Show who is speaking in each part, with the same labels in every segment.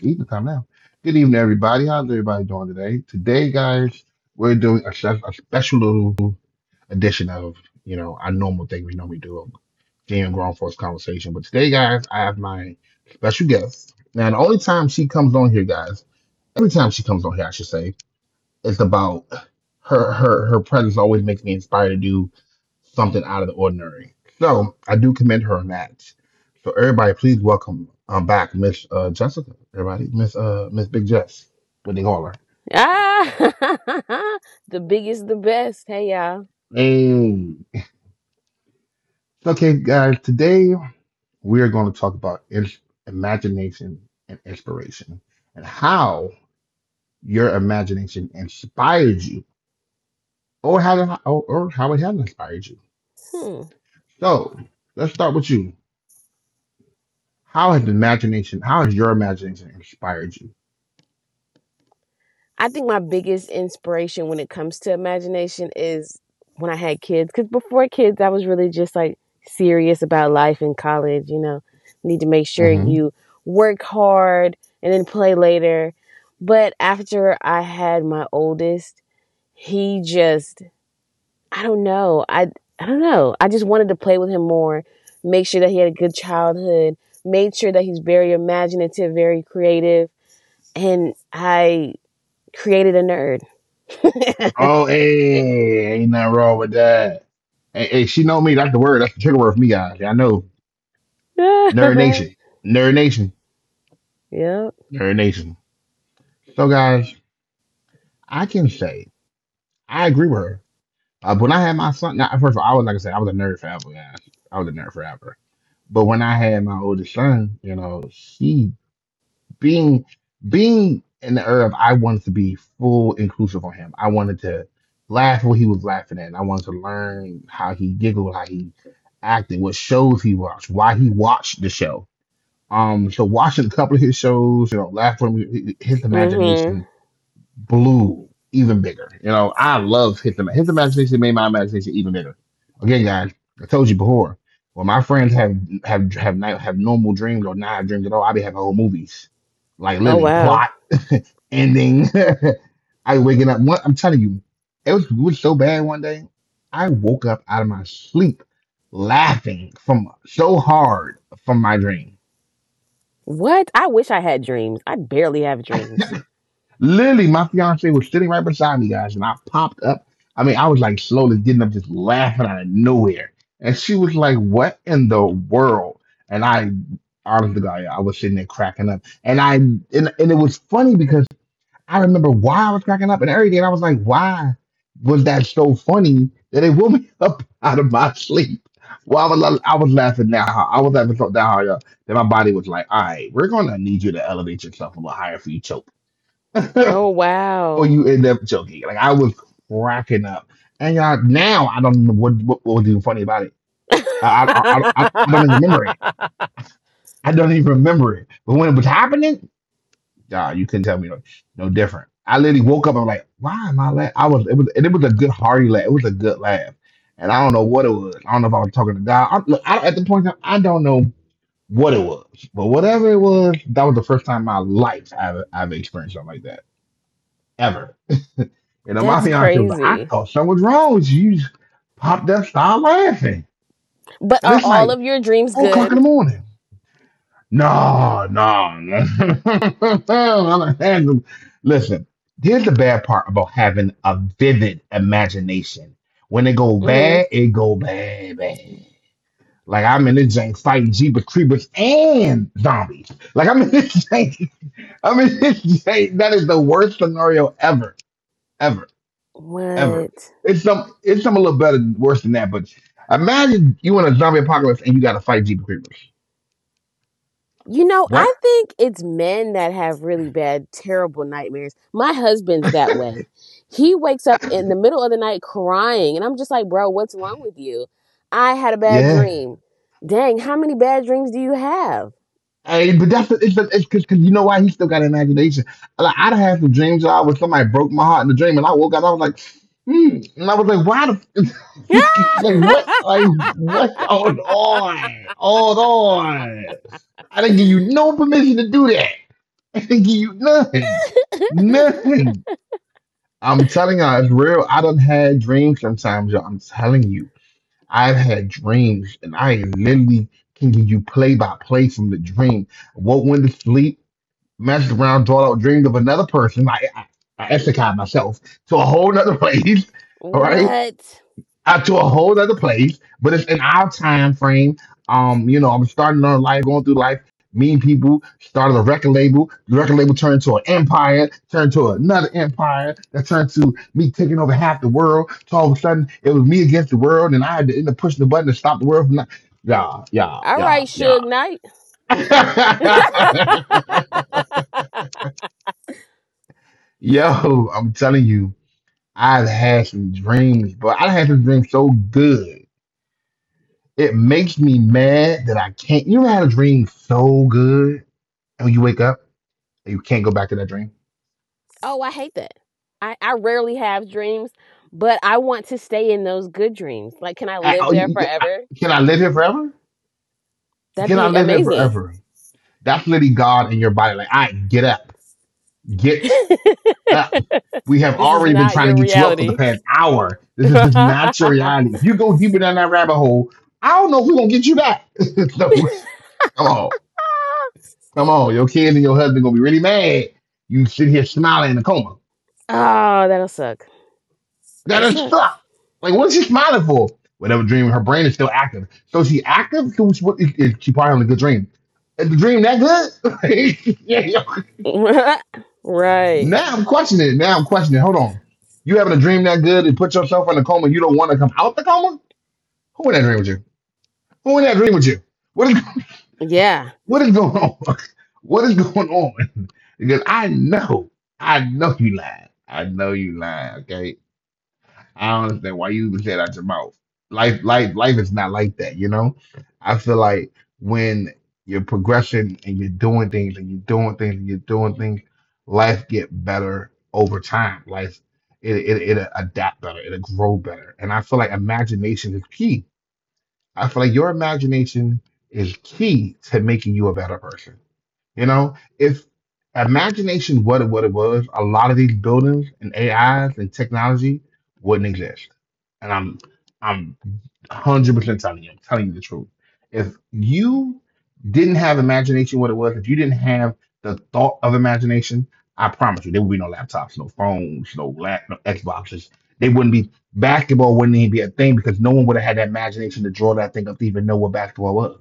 Speaker 1: evening time now. Good evening, everybody. How's everybody doing today? Today, guys, we're doing a special little edition of our normal thing we normally do of Jam Grown Folks Conversation. But today, guys, I have my special guest. Now, the only time she comes on here, guys, every time she comes on here, I should say. It's about her presence always makes me inspired to do something out of the ordinary. So I do commend her on that. So everybody, please welcome back Miss Jessica. Everybody, Miss Big Jess, what they call her.
Speaker 2: Ah, the biggest, the best. Hey, y'all.
Speaker 1: Hey. Okay, guys. Today we are going to talk about imagination and inspiration, and how your imagination inspired you, or how it has inspired you.
Speaker 2: Hmm.
Speaker 1: So let's start with you. How has imagination? How has your imagination inspired you?
Speaker 2: I think my biggest inspiration when it comes to imagination is when I had kids. Because before kids, I was really just like serious about life in college. You know, need to make sure
Speaker 1: Hmm.
Speaker 2: you work hard and then play later. But after I had my oldest, he just I don't know. I don't know. I just wanted to play with him more, make sure that he had a good childhood, made sure that he's very imaginative, very creative, and I created a nerd.
Speaker 1: Oh, hey, ain't nothing wrong with that. Hey, hey, she know me. That's the word. That's the trigger word for me, guys. Yeah, I know. Nerd Nation. Nerd Nation.
Speaker 2: Yeah.
Speaker 1: Nerd Nation. So, guys, I can say I agree with her. When I had my son, now, first of all, I was like I said, I was a nerd forever, guys. I was a nerd forever. But when I had my oldest son, she being being in the herb, I wanted to be full inclusive on him. I wanted to laugh what he was laughing at. And I wanted to learn how he giggled, how he acted, what shows he watched, why he watched the show. So watching a couple of his shows, laugh from his
Speaker 2: Mhm.
Speaker 1: imagination blue even bigger. I love hit the imagination made my imagination even bigger. Again, guys, I told you before. When my friends have normal dreams or not have dreams at all, I be having whole movies like
Speaker 2: Oh,
Speaker 1: Lily
Speaker 2: wow.
Speaker 1: plot ending. I waking up. One, I'm telling you, it was so bad one day. I woke up out of my sleep laughing from so hard from my dream.
Speaker 2: What? I wish I had dreams. I barely have dreams.
Speaker 1: Literally, my fiance was sitting right beside me, guys, and I popped up. I mean, I was like slowly getting up, just laughing out of nowhere. And she was like, "What in the world?" And I honestly God, I was sitting there cracking up. And it was funny because I remember why I was cracking up and everything. And I was like, why was that so funny that it woke me up out of my sleep? Well, I was laughing that hard. I was laughing so that hard that my body was like, all right, we're gonna need you to elevate yourself a little higher for you choke.
Speaker 2: Oh,
Speaker 1: Or
Speaker 2: wow.
Speaker 1: you end up joking. Like I was cracking up, and now I don't know what was even funny about it. I don't even remember it. I don't even remember it. But when it was happening, nah, you couldn't tell me no different. I literally woke up. And I'm like, why am I laughing? I was it was and it was a good hearty laugh. It was a good laugh, and I don't know what it was. I don't know if I was talking to God. Look, at the point, in time, I don't know what it was, but whatever it was, that was the first time in my life I've experienced something like that ever. My
Speaker 2: That's
Speaker 1: fiance was like, I
Speaker 2: crazy.
Speaker 1: thought something was wrong with you. You just popped up, started laughing.
Speaker 2: But
Speaker 1: And
Speaker 2: are
Speaker 1: it's
Speaker 2: all
Speaker 1: like
Speaker 2: of your dreams
Speaker 1: 4 o'clock in
Speaker 2: good?
Speaker 1: the morning. No, no, no. I'm like, "Man, listen, here's the bad part about having a vivid imagination. When
Speaker 2: Mhm.
Speaker 1: it go bad, bad. Like I'm in this jank fighting Jeepers Creepers and zombies. Like I'm in this jank. I'm in this jank. That is the worst scenario ever, ever, ever.
Speaker 2: What?
Speaker 1: It's some a little better worse than that, but imagine you in a zombie apocalypse and you gotta fight Jeepers Creepers.
Speaker 2: You know, I
Speaker 1: What?
Speaker 2: think it's men that have really bad, terrible nightmares. My husband's that way. He wakes up in the middle of the night crying, and I'm just like, bro, what's wrong with you? I had a bad
Speaker 1: Yeah.
Speaker 2: dream. Dang, how many bad dreams do you have?
Speaker 1: Hey, but that's it's because you know why he still got imagination. Like I'd have had some dreams I where somebody broke my heart in the dream and I woke up I was like, hmm and I was like, why the like what going on? Hold on. I didn't give you no permission to do that. I didn't give you none. Nothing. I'm telling you, it's real. I done had dreams sometimes, y'all. I'm telling you, I've had dreams, and I literally can give you play by play from the dream. Woke went to sleep, messed around, thought I dreamed of another person. I extricated myself to a whole nother place. All right,
Speaker 2: What?
Speaker 1: out to a whole other place, but it's in our time frame. I'm starting on life, going through life, meeting people, started a record label. The record label turned to an empire, turned to another empire, that turned to me taking over half the world. So all of a sudden, it was me against the world, and I had to end up pushing the button to stop the world from not. Yeah, yeah,
Speaker 2: All
Speaker 1: yeah,
Speaker 2: right,
Speaker 1: yeah.
Speaker 2: Suge Knight.
Speaker 1: Yo, I'm telling you, I've had some dreams, but I had some dreams so good. It makes me mad that I can't. You ever had a dream so good and you wake up and you can't go back to that dream?
Speaker 2: Oh, I hate that. I rarely have dreams, but I want to stay in those good dreams. Like, can I
Speaker 1: I,
Speaker 2: live
Speaker 1: oh,
Speaker 2: there
Speaker 1: you- I,
Speaker 2: forever?
Speaker 1: can I live here forever?
Speaker 2: That'd
Speaker 1: Can I
Speaker 2: be
Speaker 1: live here
Speaker 2: amazing.
Speaker 1: forever? That's literally God in your body. Like, I get up, get up. We have
Speaker 2: This is
Speaker 1: already been
Speaker 2: not
Speaker 1: trying to
Speaker 2: your
Speaker 1: get you up for the
Speaker 2: reality.
Speaker 1: past hour. This is not your
Speaker 2: Oh,
Speaker 1: reality. If you go deeper down that rabbit hole, I don't know if we're gonna get you back. So, come on, come on. Your kids and your husband gonna be really mad. You sit here smiling in a coma.
Speaker 2: that'll suck.
Speaker 1: That
Speaker 2: That'll
Speaker 1: is
Speaker 2: suck.
Speaker 1: stuck. Like, what's she smiling for? Whatever dream, her brain is still active. So she active. So she probably on a good dream. Is the dream that good? Yeah, yo.
Speaker 2: Right.
Speaker 1: Now I'm questioning it. Now I'm questioning it. Hold on. You having a dream that good and put yourself in a coma? You don't want to come out the coma? Who in that dream with you? Who in that dream with you? What is
Speaker 2: Yeah.
Speaker 1: what is going on? What is going on? Because I know you lying. I know you lying. Okay. I don't understand why you even said out your mouth. Life, life, life is not like that, you know? I feel like when you're progressing and you're doing things and you're doing things and you're doing things, life get better over time. Life, it'll adapt better. It'll grow better. And I feel like imagination is key. I feel like your imagination is key to making you a better person. If imagination what it was, a lot of these buildings and AIs and technology wouldn't exist. And I'm 100% telling you. I'm telling you the truth. If you didn't have imagination, what it was, if you didn't have the thought of imagination, I promise you, there would be no laptops, no phones, no Xboxes. They wouldn't be basketball wouldn't even be a thing because no one would have had that imagination to draw that thing up to even know what basketball was.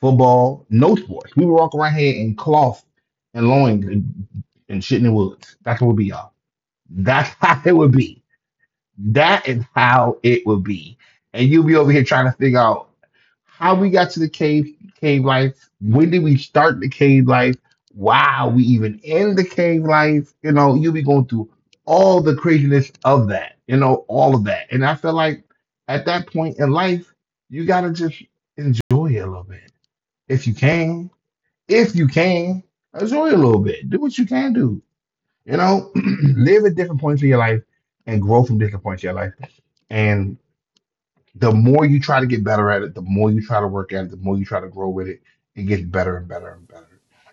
Speaker 1: Football, no sports. We would walk around here in cloth and loins and shit in the woods. That's what we be, y'all. That's how it would be. That is how it would be. And you'll be over here trying to figure out how we got to the cave life. When did we start the cave life? Wow, we even in the cave life. You'll be going through all the craziness of that. All of that. And I feel like at that point in life, you gotta just enjoy it a little bit if you can. If you can, enjoy it a little bit. Do what you can do you know, live at different points in your life and grow from different points in your life. And the more you try to get better at it, the more you try to work at it, the more you try to grow with it, it gets better and better and better.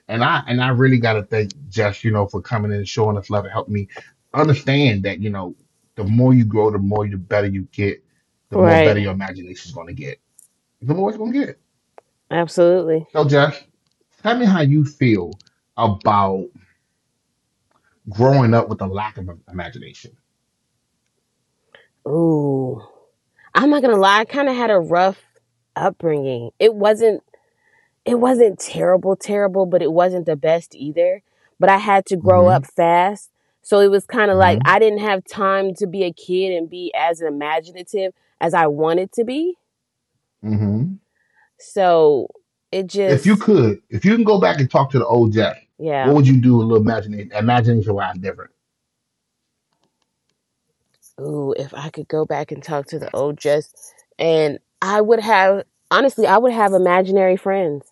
Speaker 1: And I really gotta thank Jess, you know, for coming in and showing us love and helping me understand that, you know, the more you grow, the more you better you get, the more
Speaker 3: Right.
Speaker 1: better your imagination's gonna get. The more it's gonna get.
Speaker 3: Absolutely.
Speaker 1: So Jess, tell me how you feel about growing up with a lack of imagination.
Speaker 3: Ooh. I'm not gonna lie. I kind of had a rough upbringing. It wasn't terrible, terrible, but it wasn't the best either. But I had to grow up
Speaker 1: hmm
Speaker 3: fast, so it was kind of like I didn't have time to be a kid and be as imaginative as I wanted to be.
Speaker 1: hmm
Speaker 3: So it
Speaker 1: If you
Speaker 3: just,
Speaker 1: could, if you can go back and talk to the old Jack, what
Speaker 3: yeah.
Speaker 1: would you do a little imagination, imagination wise different?
Speaker 3: Ooh, if I could go back and talk to the old just, and I would have honestly, I would have imaginary friends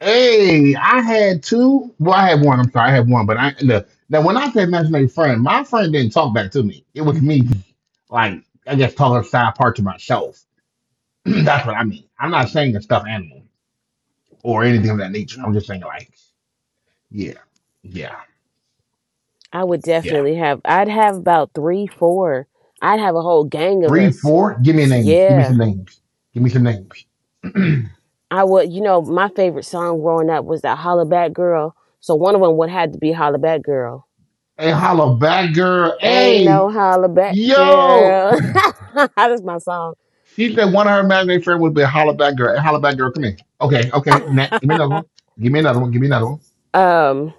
Speaker 1: Hey, I had two. Well, I had one. I'm sorry, I had one. But I look, now when I said imaginary friend, my friend didn't talk back to me. It was me just like I guess talking side part to myself. That's what I mean. I'm not saying a stuffed animal or anything of that nature. I'm just saying like, yeah, yeah,
Speaker 3: I would
Speaker 1: yeah.
Speaker 3: definitely have. I'd have about three, four. I'd have a whole gang of
Speaker 1: Three,
Speaker 3: us.
Speaker 1: four. Give me names. Give me some
Speaker 3: Yeah,
Speaker 1: names. Give me some names.
Speaker 3: I would. You know, my favorite song growing up was that "Holla Back Girl." So one of them would have to be "Holla Back Girl."
Speaker 1: Hey, holla back, girl.
Speaker 3: Ain't
Speaker 1: Hey,
Speaker 3: no "Holla Back
Speaker 1: yo.
Speaker 3: Girl." That's my song.
Speaker 1: She said one of her imaginary friend would be a holla back girl. Hey, holla back, girl. Come here. Okay, okay. Next. Give me another one. Give me another one. Give me another one.
Speaker 3: um,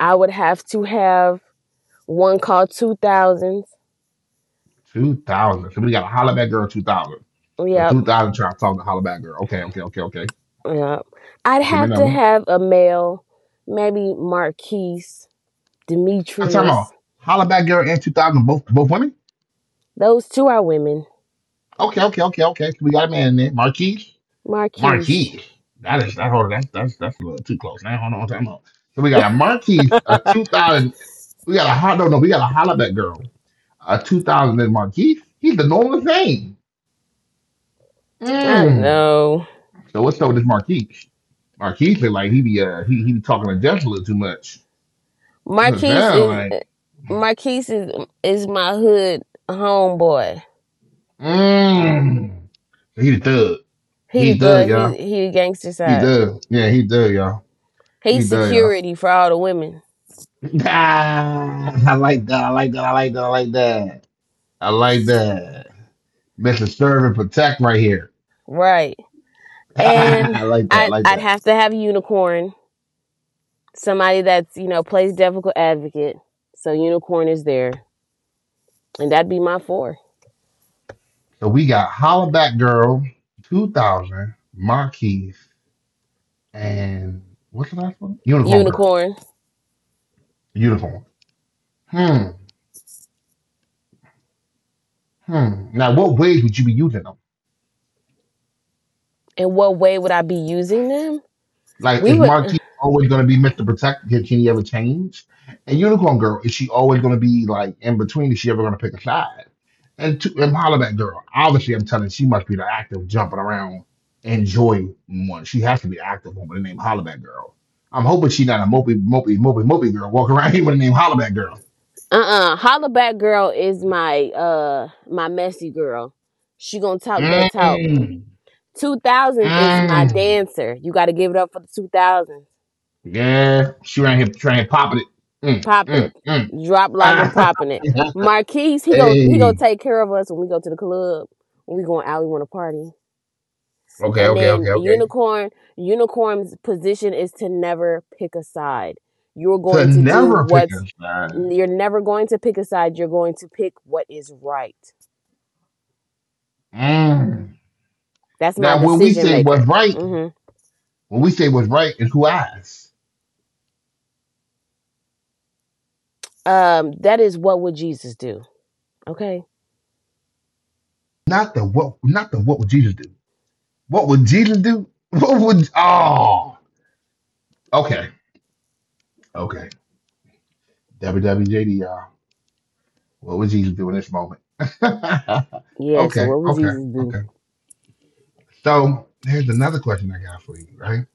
Speaker 3: I would have to have one called two thousands.
Speaker 1: 2000. So we got a holla back girl 2000. So
Speaker 3: Yep,
Speaker 1: 2000 try to talk to holla back girl. Okay, okay, okay, okay.
Speaker 3: yep. I'd
Speaker 1: Give me
Speaker 3: have
Speaker 1: another
Speaker 3: to
Speaker 1: one.
Speaker 3: have a male, maybe Marquise,
Speaker 1: I'm talking
Speaker 3: Demetrius.
Speaker 1: about holla back girl and 2000, both women?
Speaker 3: Those two are women.
Speaker 1: Okay, okay, okay, okay. So we got a man in there. Marquise.
Speaker 3: Marquise.
Speaker 1: Marquise. That is that hold on, that's a little too close. Now hold on, time out. So we got a Marquise, a 2000. We got a hot no no. We got a Hollaback girl, a 2000 and Marquise. He's the normal thing.
Speaker 3: I
Speaker 1: Mm.
Speaker 3: know.
Speaker 1: So what's up with this Marquise? Marquise look like he be he be talking to Jeff a little too much. That's what it
Speaker 3: Marquise
Speaker 1: sound
Speaker 3: is
Speaker 1: like.
Speaker 3: Marquise is my hood homeboy.
Speaker 1: Mm. He the thug.
Speaker 3: He the
Speaker 1: He thug,
Speaker 3: thug, he
Speaker 1: y'all.
Speaker 3: he the gangster
Speaker 1: He
Speaker 3: side.
Speaker 1: thug. Yeah, he thug, y'all.
Speaker 3: He's
Speaker 1: He thug, y'all.
Speaker 3: security for all the women.
Speaker 1: Ah, I like that. I like that. I like that. I like that. I like that. Mr. Serve and Protect right here.
Speaker 3: Right. And
Speaker 1: I like that. I
Speaker 3: I
Speaker 1: like
Speaker 3: I'd
Speaker 1: that.
Speaker 3: have to have a unicorn. Somebody that's, plays difficult advocate. So unicorn is there. And that'd be my four.
Speaker 1: So we got Hollaback Girl, 2000, Marquise, and what's the last one? Unicorn Girl.
Speaker 3: Unicorn.
Speaker 1: Unicorn. Hmm. Hmm. Now, what ways would you be using them?
Speaker 3: In what way would I be using them?
Speaker 1: Like,
Speaker 3: We
Speaker 1: is
Speaker 3: would
Speaker 1: Marquis always going to be Mr. Protect? Can he ever change? And Unicorn Girl, is she always going to be like in between? Is she ever going to pick a side? And Hollaback Girl, obviously, I'm telling you, she must be the active jumping around enjoy one. She has to be the active one with the name Hollaback Girl. I'm hoping she's not a mopey girl walking around here with the name Hollaback Girl.
Speaker 3: Uh-uh. Hollaback girl is my my messy girl. She gonna talk that talk.
Speaker 1: Mm,
Speaker 3: Two thousands is my
Speaker 1: mm,
Speaker 3: dancer. You gotta give it up for the two thousands.
Speaker 1: yeah, she around here trying to pop it. Mm,
Speaker 3: Popping it.
Speaker 1: mm,
Speaker 3: Drop logging popping it.
Speaker 1: mm.
Speaker 3: Marquise, he gonna
Speaker 1: hey,
Speaker 3: take care of us when we go to the club. When we going out, we wanna party.
Speaker 1: okay,
Speaker 3: And
Speaker 1: okay,
Speaker 3: then
Speaker 1: okay, okay.
Speaker 3: unicorn's position is to never pick a side. You're
Speaker 1: To
Speaker 3: going to do
Speaker 1: never pick
Speaker 3: what's
Speaker 1: a side.
Speaker 3: you're never going to pick a side. You're going to pick what is right.
Speaker 1: Mm.
Speaker 3: That's my
Speaker 1: Now, when we
Speaker 3: decision
Speaker 1: say
Speaker 3: maker.
Speaker 1: what's right, when we say what's right is who asked,
Speaker 3: That is what would Jesus do? Okay.
Speaker 1: not the what, not the what would Jesus do? What would Jesus do? What would? Oh, okay, okay. WWJD, y'all. What would Jesus do in this moment?
Speaker 3: Yeah. So
Speaker 1: okay,
Speaker 3: what would
Speaker 1: okay,
Speaker 3: Jesus do?
Speaker 1: okay. So here's another question I got for you. Right?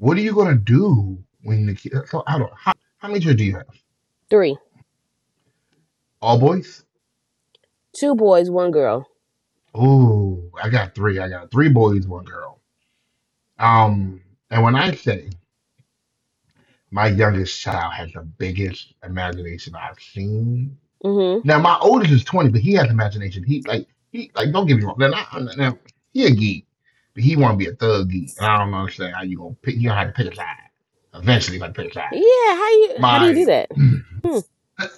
Speaker 1: What are you gonna do when the kid? So how many children do you have?
Speaker 3: Three,
Speaker 1: All boys?
Speaker 3: two boys, one girl.
Speaker 1: Ooh, I got three. I got three boys, one girl. Um, and when I say my youngest child has the biggest imagination I've seen.
Speaker 3: Mm
Speaker 1: Now my oldest is 20, but he has imagination. He like don't get me wrong. Now he a geek, but he want to be a thug geek, and I don't understand how you gonna pick. You gonna have to pick a side. Eventually, you gotta pick a
Speaker 3: hmm.
Speaker 1: side.
Speaker 3: Yeah. How you? How do you do
Speaker 1: My
Speaker 3: that?
Speaker 1: Uh,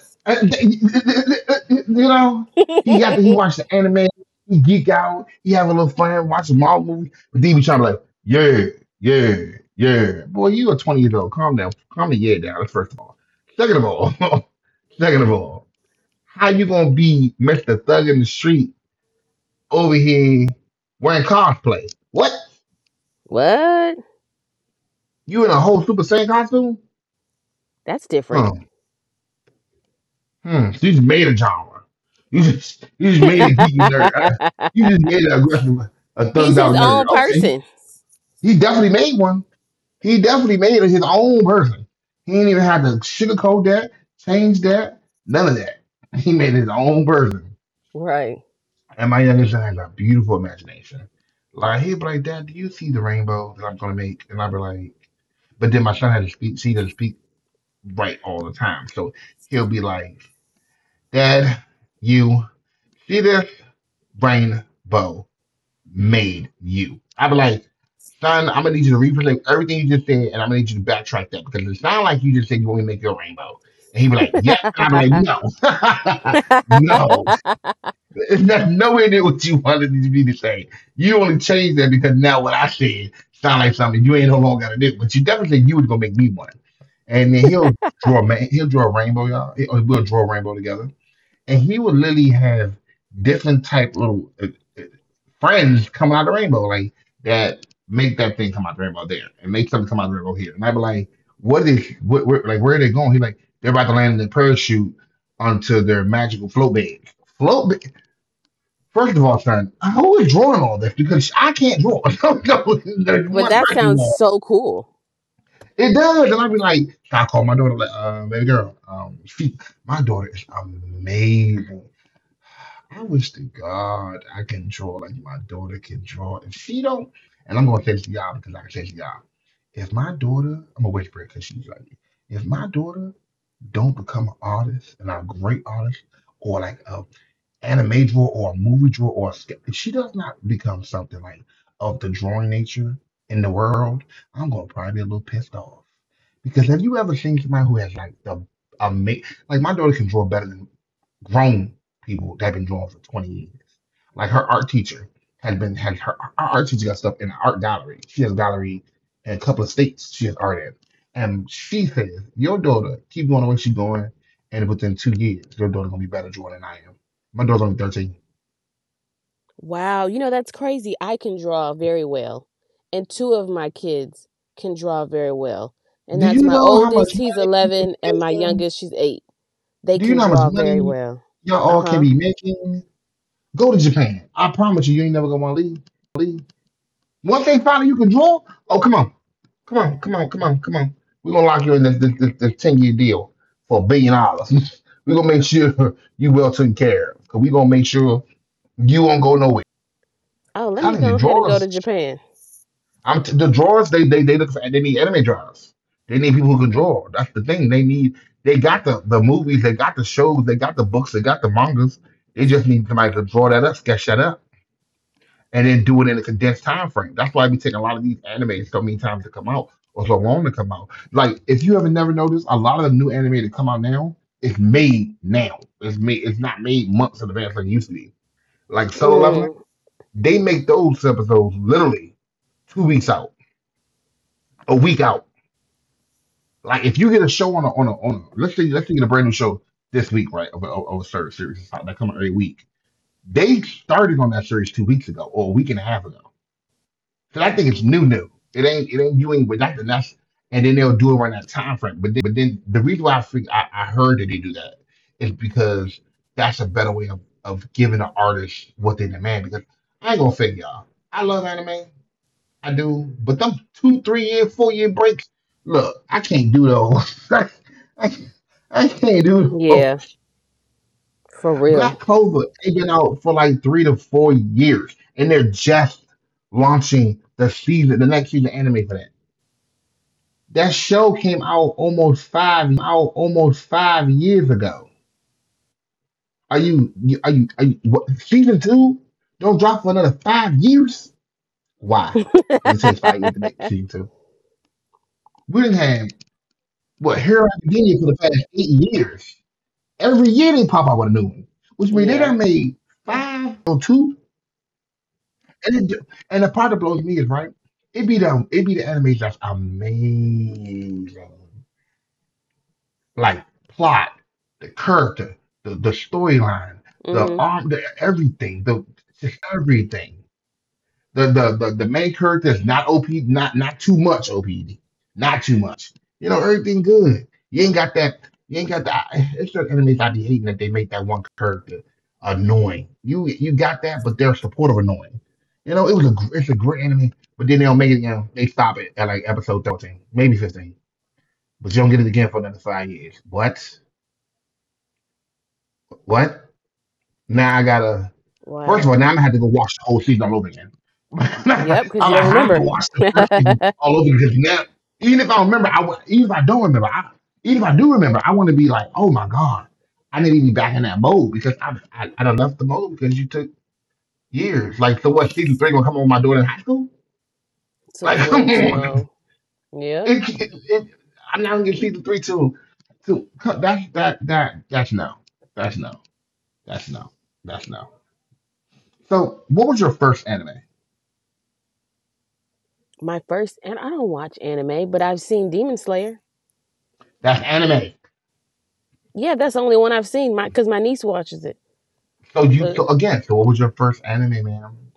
Speaker 1: th- th- you know, he got the, he
Speaker 3: Hmm.
Speaker 1: watched the anime, he geek out, he have a little fun, watch a Marvel movie, but then he be trying to like, yeah, yeah, yeah. Boy, you a 20-year-old. Calm down. Calm the yeah down, first of all. Second of all, second of all, how you gonna be Mr. Thug in the street over here wearing cosplay? What?
Speaker 3: What?
Speaker 1: You in a whole Super Saiyan costume?
Speaker 3: That's different.
Speaker 1: Huh. Hmm. So you just made a genre. You just made a geeky nerd. You just made an aggressive, a
Speaker 3: He's
Speaker 1: thugged
Speaker 3: his
Speaker 1: out nerd.
Speaker 3: own
Speaker 1: Okay.
Speaker 3: person.
Speaker 1: He definitely made one. He definitely made his own person. He didn't even have to sugarcoat that, change that, none of that. He made his own person.
Speaker 3: Right.
Speaker 1: And my youngest son has a beautiful imagination. Like he'd be like, Dad, do you see the rainbow that I'm gonna make? And I'd be like, but then my son had to speak, see them speak right all the time. So he'll be like, Dad, you see this? Rainbow made you. I'd be like, son, I'm gonna need you to represent everything you just said, and I'm gonna need you to backtrack that because it sounds like you just said you want me to make your rainbow. And he'd be like, yep. And I'd be like, no. no. It's not nowhere near what you wanted me to say. You only changed that because now what I said sound like something you ain't no longer gonna do. But you definitely said you was gonna make me one. And then he'll draw man, he'll draw a rainbow, y'all. Or we'll draw a rainbow together and he would literally have different type little uh, friends come out of the rainbow, like that make that thing come out the rainbow there and make something come out the rainbow here. And I'd be like, what is what like where are they going? He's like they're about to land in their parachute onto their magical float bed. Float bed. First of all, son, who is drawing all this? Because I can't draw. no, no, there's
Speaker 3: But
Speaker 1: one
Speaker 3: that
Speaker 1: person
Speaker 3: sounds
Speaker 1: there.
Speaker 3: so cool.
Speaker 1: It does, and I'd be like, I call my daughter, like, baby girl, she, my daughter is amazing. I wish to God I can draw like my daughter can draw. If she don't, and I'm gonna say this to y'all because I can say this to y'all. If my daughter, I'm a whisper it because she's like, me. If my daughter don't become an artist and a great artist or like a anime drawer or a movie drawer or a sketch, if she does not become something like of the drawing nature in the world, I'm gonna probably be a little pissed off. Because have you ever seen somebody who has like the amazing, like my daughter can draw better than grown people that have been drawing for 20 years. Like her art teacher has been had her, her art teacher got stuff in an art gallery. She has a gallery in a couple of states she has art in. And she says, your daughter, keep going the way she's going, and within 2 years, your daughter gonna be better drawing than I am. My daughter's only 13.
Speaker 3: Wow. You know that's crazy. I can draw very well, and two of my kids can draw very well. And
Speaker 1: Do you
Speaker 3: that's my
Speaker 1: know how much
Speaker 3: oldest. He's
Speaker 1: money you can
Speaker 3: 11,
Speaker 1: be
Speaker 3: and my
Speaker 1: making?
Speaker 3: youngest. She's 8. They
Speaker 1: Do you
Speaker 3: can
Speaker 1: know how much
Speaker 3: draw very
Speaker 1: money
Speaker 3: well.
Speaker 1: y'all
Speaker 3: Uh
Speaker 1: all can
Speaker 3: huh.
Speaker 1: be making? Go to Japan. I promise you, you ain't never gonna wanna leave. Once they find out you can draw, oh come on. Come on. We're gonna lock you in this 10-year deal for a billion dollars. We're gonna make sure you well taken care of. Cause going gonna make sure you won't go nowhere.
Speaker 3: Oh,
Speaker 1: I'm
Speaker 3: let me
Speaker 1: telling you,
Speaker 3: go ahead and go
Speaker 1: drawers
Speaker 3: to Japan.
Speaker 1: the drawers. They look for, and they need anime drawers. They need people who can draw. That's the thing. They need. They got the movies. They got the shows. They got the books. They got the mangas. They just need somebody to draw that up, sketch that up, and then do it in a condensed time frame. That's why we take a lot of these animes so many times to come out or so long to come out. Like if you haven't never noticed, a lot of the new anime that come out now is made now. It's made. It's not made months in advance like it used to be. Like Solo Leveling,
Speaker 3: Mm,
Speaker 1: they make those episodes literally 2 weeks out, a week out. Like if you get a show on let's say you get a brand new show this week, right? Of a certain series it's not- that coming every week. They started on that series 2 weeks ago or a week and a half ago. So I think it's new. It ain't you ain't but that's And then they'll do it around that time frame. But then the reason why I think I heard that they do that is because that's a better way of giving the artist what they demand, because I ain't gonna fake y'all. I love anime, I do, but them two, 3 year, 4 year breaks, look, I can't do those. I, I can't do
Speaker 3: yeah,
Speaker 1: those.
Speaker 3: for
Speaker 1: Black
Speaker 3: real.
Speaker 1: Clover, they've been out for like 3 to 4 years, and they're just launching the season, the next season anime for that. That show came out almost 5 years ago. Are you, are you what, season two? Don't drop for another 5 years? Why did it take 5 years to make season two? We didn't have, what, Hero Academia for the past 8 years? Every year they pop out with a new one, which means they
Speaker 3: Yeah.
Speaker 1: done made five seasons in your two. And it, and the part that blows me is, right, it be the animation that's amazing, like plot, the character, the storyline, the
Speaker 3: Mm-hmm.
Speaker 1: arm, the everything, the just everything. The main character is not OP, not too much OPD, not too much. You know, everything good. You ain't got that, you ain't got that. It's just enemies. I be hating that they make that one character annoying. You got that, but they're supportive annoying. You know, it was a it's a great enemy, but then they don't make it. You know, they stop it at like episode 13, 14 maybe 15. But you don't get it again for another 5 years. What? What? Now I gotta. First of all,
Speaker 3: Wow.
Speaker 1: now I'm gonna have to go watch the whole season all over again. I'm
Speaker 3: Yep, because you
Speaker 1: gonna
Speaker 3: don't
Speaker 1: have to
Speaker 3: remember.
Speaker 1: watch the first season all over because now, even if I remember, even if I don't remember, I, even if I do remember, I want to be like, oh my god, I need to be back in that mode because I done left the mode because you took years. Like, so what? Season three gonna come on my daughter in high school?
Speaker 3: Took
Speaker 1: Like,
Speaker 3: way
Speaker 1: come
Speaker 3: too
Speaker 1: on,
Speaker 3: long. Yep.
Speaker 1: it, it, it, I'm not gonna get season three till till huh, that's no, that's no, that's no, that's no. So, what was your first anime?
Speaker 3: My first, and I don't watch anime, but I've seen Demon Slayer.
Speaker 1: That's anime.
Speaker 3: Yeah, that's the only one I've seen. My because my niece watches it.
Speaker 1: So you
Speaker 3: So
Speaker 1: so again, so what was your first anime, ma'am?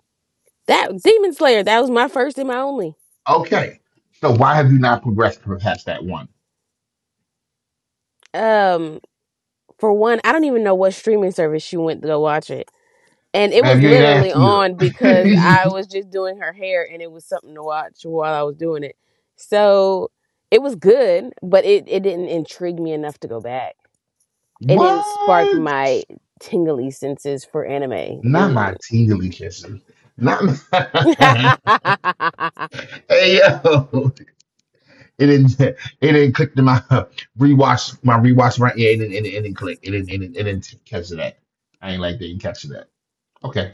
Speaker 3: that Demon Slayer, that was my first and my only.
Speaker 1: Okay. So why have you not progressed past that one?
Speaker 3: Um, for one, I don't even know what streaming service she went to go watch it. And it
Speaker 1: Ma'am,
Speaker 3: was
Speaker 1: you ain't
Speaker 3: literally
Speaker 1: asked either.
Speaker 3: on because I was just doing her hair and it was something to watch while I was doing it. So it was good, but it didn't intrigue me enough to go back. It didn't
Speaker 1: What?
Speaker 3: spark my tingly senses for anime.
Speaker 1: Not my tingly kisses. Not my Hey yo. It didn't click to my rewatch, my rewatch, right, yeah, it didn't click. It didn't catch that. I ain't like they didn't catch that. Okay.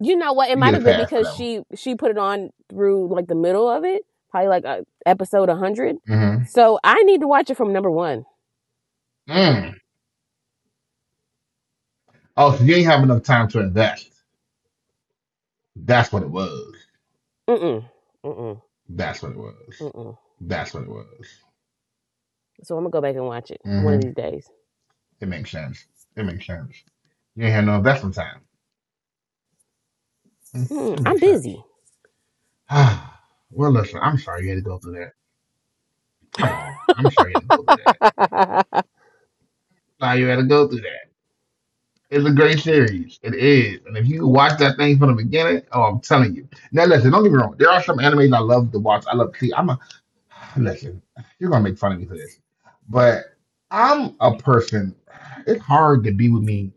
Speaker 3: You know what? It
Speaker 1: You
Speaker 3: might
Speaker 1: get
Speaker 3: have
Speaker 1: a
Speaker 3: been
Speaker 1: pass for
Speaker 3: because
Speaker 1: that one.
Speaker 3: she put it on through like the middle of it, probably like episode 100.
Speaker 1: Mm-hmm.
Speaker 3: So I need to watch it from number one.
Speaker 1: Mm. Oh, so you ain't have enough time to invest. That's what it was,
Speaker 3: Mm-mm, mm-mm,
Speaker 1: that's
Speaker 3: mm-mm.
Speaker 1: what it was.
Speaker 3: So I'm gonna go back and watch it one of
Speaker 1: Hmm,
Speaker 3: these days.
Speaker 1: it makes sense, it makes sense. You ain't had no investment time. Mm,
Speaker 3: Mm,
Speaker 1: it
Speaker 3: I'm
Speaker 1: makes sense.
Speaker 3: busy.
Speaker 1: Well, listen, I'm sorry you had to go through that. Come on. I'm sorry you had to go through that. Sorry you had to go through that. It's a great series, it is. And if you can watch that thing from the beginning, oh, I'm telling you. Now, listen, don't get me wrong, there are some animes I love to watch, I love to see. I'm a listen, you're gonna make fun of me for this, but I'm a person. It's hard to be with me,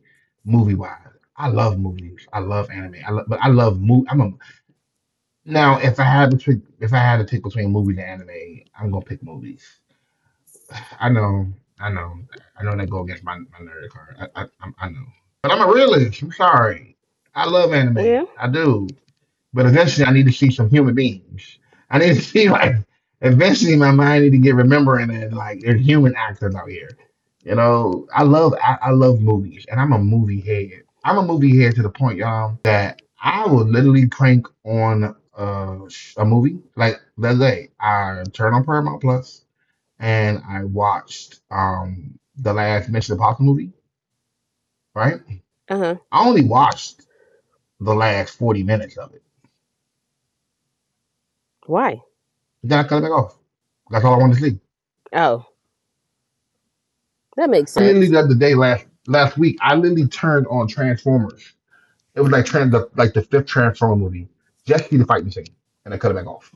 Speaker 1: movie wise. I love movies, I love anime, I love, but I love movie. I'm a now. If I had to pick, if I had to pick between movies and anime, I'm gonna pick movies. I know, I know, I know that go against my nerd card. I know, but I'm a realist, I'm sorry. I love anime,
Speaker 3: Yeah.
Speaker 1: I do. But eventually, I need to see some human beings. I need to see, like eventually, my mind need to get remembering that like there's human actors out here. You know, I love I love movies, and I'm a movie head. I'm a movie head to the point, y'all, that I will literally crank on a movie. Like let's say I turn on Paramount Plus and I watched the last Mission Impossible movie. Right,
Speaker 3: Uh huh.
Speaker 1: I only watched the last 40 minutes of it.
Speaker 3: Why?
Speaker 1: Then I cut it back off. That's all I wanted to see.
Speaker 3: Oh, that makes
Speaker 1: I literally
Speaker 3: sense.
Speaker 1: the other day, last week, I literally turned on Transformers. It was like like the fifth Transformer movie, just to see the fighting scene, and I cut it back off.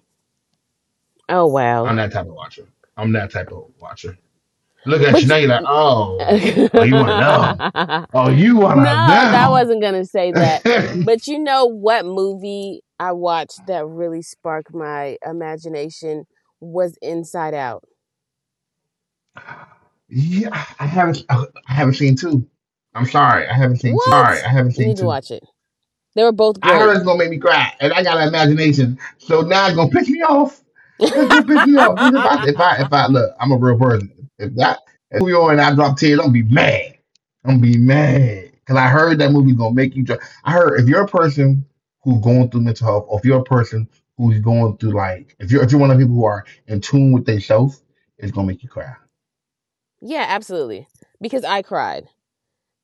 Speaker 3: Oh, wow.
Speaker 1: I'm that type of watcher, I'm that type of watcher. Look at you
Speaker 3: But
Speaker 1: now,
Speaker 3: you...
Speaker 1: you're like, oh, oh, you
Speaker 3: No,
Speaker 1: want to know? Oh, you want to
Speaker 3: that
Speaker 1: know?
Speaker 3: wasn't gonna say that. But you know what movie I watched that really sparked my imagination was Inside Out.
Speaker 1: Yeah, I haven't seen two. I'm sorry, I
Speaker 3: What?
Speaker 1: haven't
Speaker 3: You
Speaker 1: seen
Speaker 3: need to
Speaker 1: two.
Speaker 3: watch it. They were both
Speaker 1: I
Speaker 3: great.
Speaker 1: heard it's gonna make me cry, and I got an imagination. So now it's gonna piss me off. That's gonna piss me
Speaker 3: Yeah,
Speaker 1: off. 'Cause if I look, I'm a real person. If that, if I put that movie on and I drop tears, I'm gonna be mad. I'm gonna be mad because I heard that movie gonna make you. Dry. I heard if you're a person who's going through mental health, or if you're a person who's going through like, if you're one of the people who are in tune with themselves, it's gonna make you cry.
Speaker 3: absolutely. Because I cried.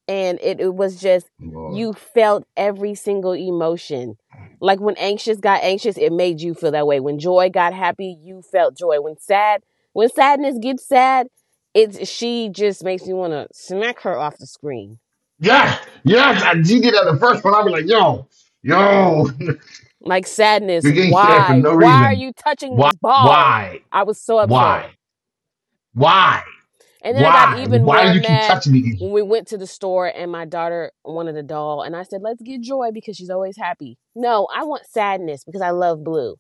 Speaker 3: And it was just you
Speaker 1: Lord.
Speaker 3: felt every single emotion. Like when anxious got anxious, it made you feel that way. When joy got happy, you felt joy. When sad when sadness gets sad, it's she just makes me want to smack her off the screen.
Speaker 1: Yeah, yes, I, you did that the first one. I'll be like, yo, yo.
Speaker 3: Like Sadness,
Speaker 1: You're getting sad for
Speaker 3: why
Speaker 1: no
Speaker 3: why are
Speaker 1: reason.
Speaker 3: you touching these balls?
Speaker 1: Why?
Speaker 3: I was so upset.
Speaker 1: Why? Why?
Speaker 3: And then I got
Speaker 1: Why?
Speaker 3: even
Speaker 1: Why
Speaker 3: more
Speaker 1: do you keep
Speaker 3: mad
Speaker 1: touching
Speaker 3: when
Speaker 1: me?
Speaker 3: we went to the store and my daughter wanted a doll. And I said, let's get Joy because she's always happy. No, I want Sadness because I love blue.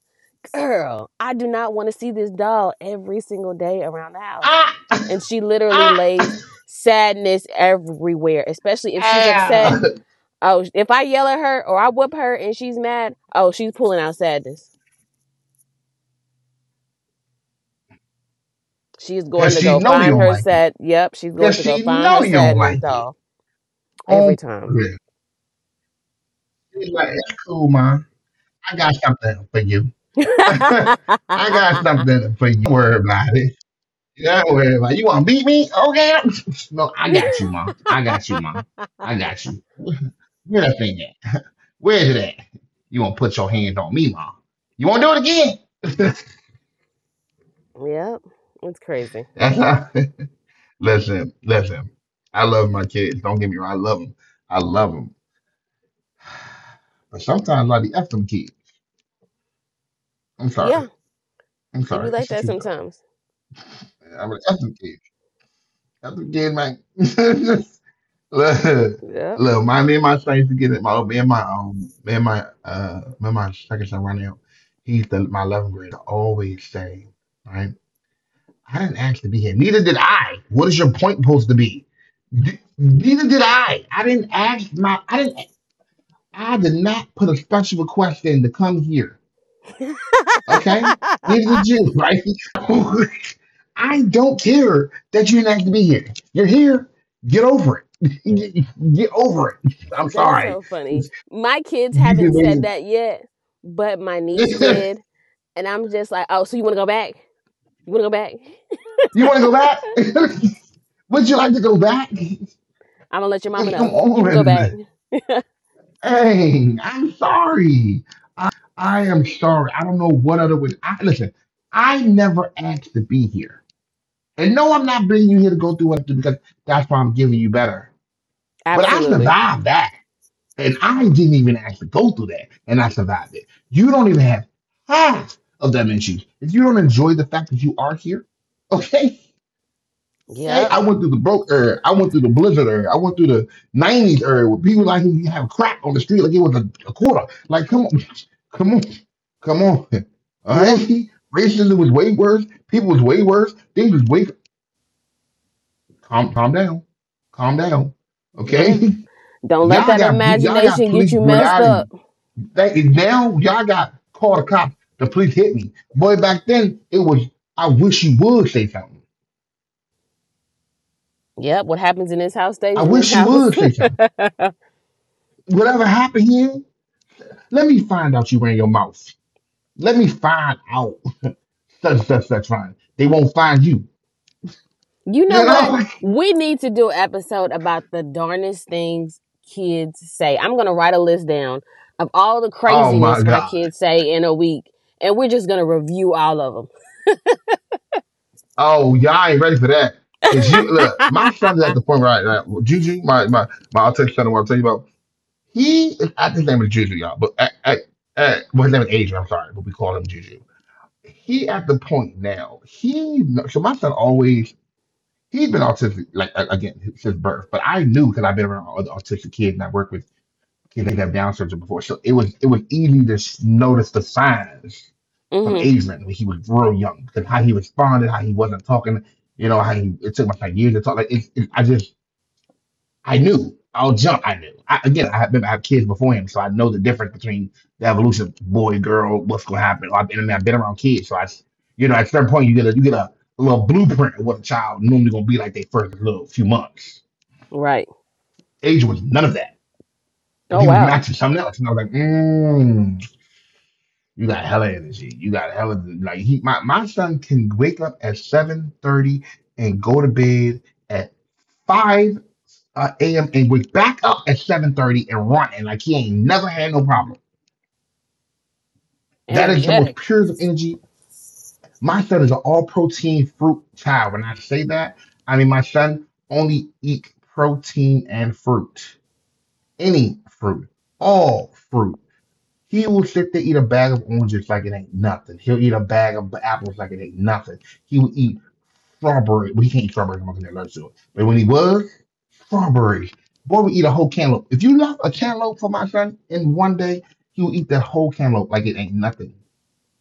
Speaker 3: Girl, I do not want to see this doll every single day around the house.
Speaker 1: Ah!
Speaker 3: And she literally lays Sadness everywhere, especially if she's upset.
Speaker 1: Ow!
Speaker 3: Oh, if I yell at her or I whoop her and she's mad, oh, she's pulling out Sadness. She's going
Speaker 1: Because
Speaker 3: to
Speaker 1: she
Speaker 3: go
Speaker 1: know you
Speaker 3: find
Speaker 1: don't
Speaker 3: her
Speaker 1: like it.
Speaker 3: sad. Yep, she's
Speaker 1: Because
Speaker 3: going to go
Speaker 1: she
Speaker 3: find her
Speaker 1: know you don't
Speaker 3: Sadness
Speaker 1: like it.
Speaker 3: doll every
Speaker 1: On
Speaker 3: time.
Speaker 1: purpose. She's like, it's cool, ma. I got something for you. I got something for you, ma. Don't worry about it. Don't worry about it. You want to beat me? Okay. No, I
Speaker 3: Yep,
Speaker 1: got you, ma. I got you, ma. I got you. Where that thing at? Where's it at? You won't put your hand on me, mom. You won't do it again.
Speaker 3: it's crazy.
Speaker 1: That's how. Listen, listen. I love my kids, don't get me wrong, I love them, I love them. But sometimes I be F them kids. I'm sorry,
Speaker 3: Yeah,
Speaker 1: I'm
Speaker 3: it be
Speaker 1: sorry. It's
Speaker 3: like
Speaker 1: the
Speaker 3: that
Speaker 1: truth though.
Speaker 3: sometimes.
Speaker 1: I'm an F them kid. F them kid, man. Look,
Speaker 3: Yep.
Speaker 1: look, my me and my son used to get it. My me and my me and my me and my second son right now. He's the my 11th grader. He's always say, right? I didn't ask to be here. Neither did I. What is your point supposed to be? Neither did I. I didn't ask my. I didn't. I did not put a special request in to come here. Okay. Neither did you, right? So I don't care that you didn't ask to be here. You're here. Get over it. Get get over it. I'm
Speaker 3: That's
Speaker 1: sorry.
Speaker 3: so funny. My kids
Speaker 1: You've been
Speaker 3: haven't said
Speaker 1: waiting.
Speaker 3: that yet, but my niece did. And I'm just like, oh, so you want to go back? You want to go back?
Speaker 1: You want to go back? Would you like to go back?
Speaker 3: I'm going to let your mama
Speaker 1: Come
Speaker 3: know. You can go back.
Speaker 1: on. Dang, I'm sorry. I am sorry. I don't know what other way. I, listen, I never asked to be here. And no, I'm not bringing you here to go through what I went through because that's why I'm giving you better. But I
Speaker 3: Absolutely.
Speaker 1: survived that. And I didn't even ask to go through that. And I survived it. You don't even have half of them issues. If you don't enjoy the fact that you are here, okay? Okay, I
Speaker 3: Yep.
Speaker 1: went through the broke era. I went through the blizzard era. I went through the '90s era where people like you have crack on the street like it was a quarter. Like, come on, come on, come on. All
Speaker 3: Yeah.
Speaker 1: right, racism was way worse. People was way worse. Things was way calm. Calm down, calm down. Okay,
Speaker 3: Yeah. Don't let that
Speaker 1: y'all got
Speaker 3: imagination get
Speaker 1: police
Speaker 3: you messed
Speaker 1: brutality.
Speaker 3: up.
Speaker 1: That is now y'all got called a cop. The police hit me. Boy, back then it was, I wish you would say something.
Speaker 3: Yep. What happens in this house
Speaker 1: I
Speaker 3: stays in this
Speaker 1: wish you
Speaker 3: house.
Speaker 1: would say something. Whatever happened here. Let me find out you ran your mouth. Let me find out such fine. They won't find you.
Speaker 3: You know
Speaker 1: You
Speaker 3: what?
Speaker 1: know?
Speaker 3: We need to do an episode about the darnest things kids say. I'm going to write a list down of all the
Speaker 1: Oh my
Speaker 3: craziness my
Speaker 1: God.
Speaker 3: kids say in a week, and we're just going to review all of them.
Speaker 1: Oh, y'all ain't ready for that. Cause you look, my son's at the point right now. Juju, my I'll text son what I'll tell you about. He is at his name is Juju, y'all, but at well his name is Adrian, I'm sorry, but we call him Juju. He at the point now, he so my son always he's been autistic like again since birth, but I knew because I've been around other autistic kids and I work with he'd have Down syndrome before. So it was easy to notice the signs from
Speaker 3: hmm.
Speaker 1: Adrian when he was real young, because how he responded, how he wasn't talking, you know, how he it took my like years to talk. Like I just I knew. I'll jump. I knew. I, again, I mean, I remember I had kids before him, so I know the difference between the evolution of boy, girl, what's gonna happen. I mean, I've been around kids, so I, you know, at a certain point, you get a you get a little blueprint of what a child normally gonna be like their first little few months.
Speaker 3: Right.
Speaker 1: Adrian was none of that, but
Speaker 3: Oh,
Speaker 1: he was
Speaker 3: wow.
Speaker 1: matching something else, and I was like, mmm, you got hella energy. You got hella like he my son can wake up at 7:30 and go to bed at 5 a.m. and wake back up at 7:30 and run and like he ain't never had no problem. That is the most
Speaker 3: Energetic.
Speaker 1: purest of energy. My son is an all protein fruit child. When I say that, I mean my son only eat protein and fruit. Any fruit. All fruit. He will sit there eat a bag of oranges like it ain't nothing. He'll eat a bag of apples like it ain't nothing. He will eat strawberry. Well, he can't eat strawberry because he's allergic to it. But when he was strawberry, boy, would eat a whole cantaloupe. If you left a cantaloupe for my son in one day, he will eat that whole cantaloupe like it ain't nothing.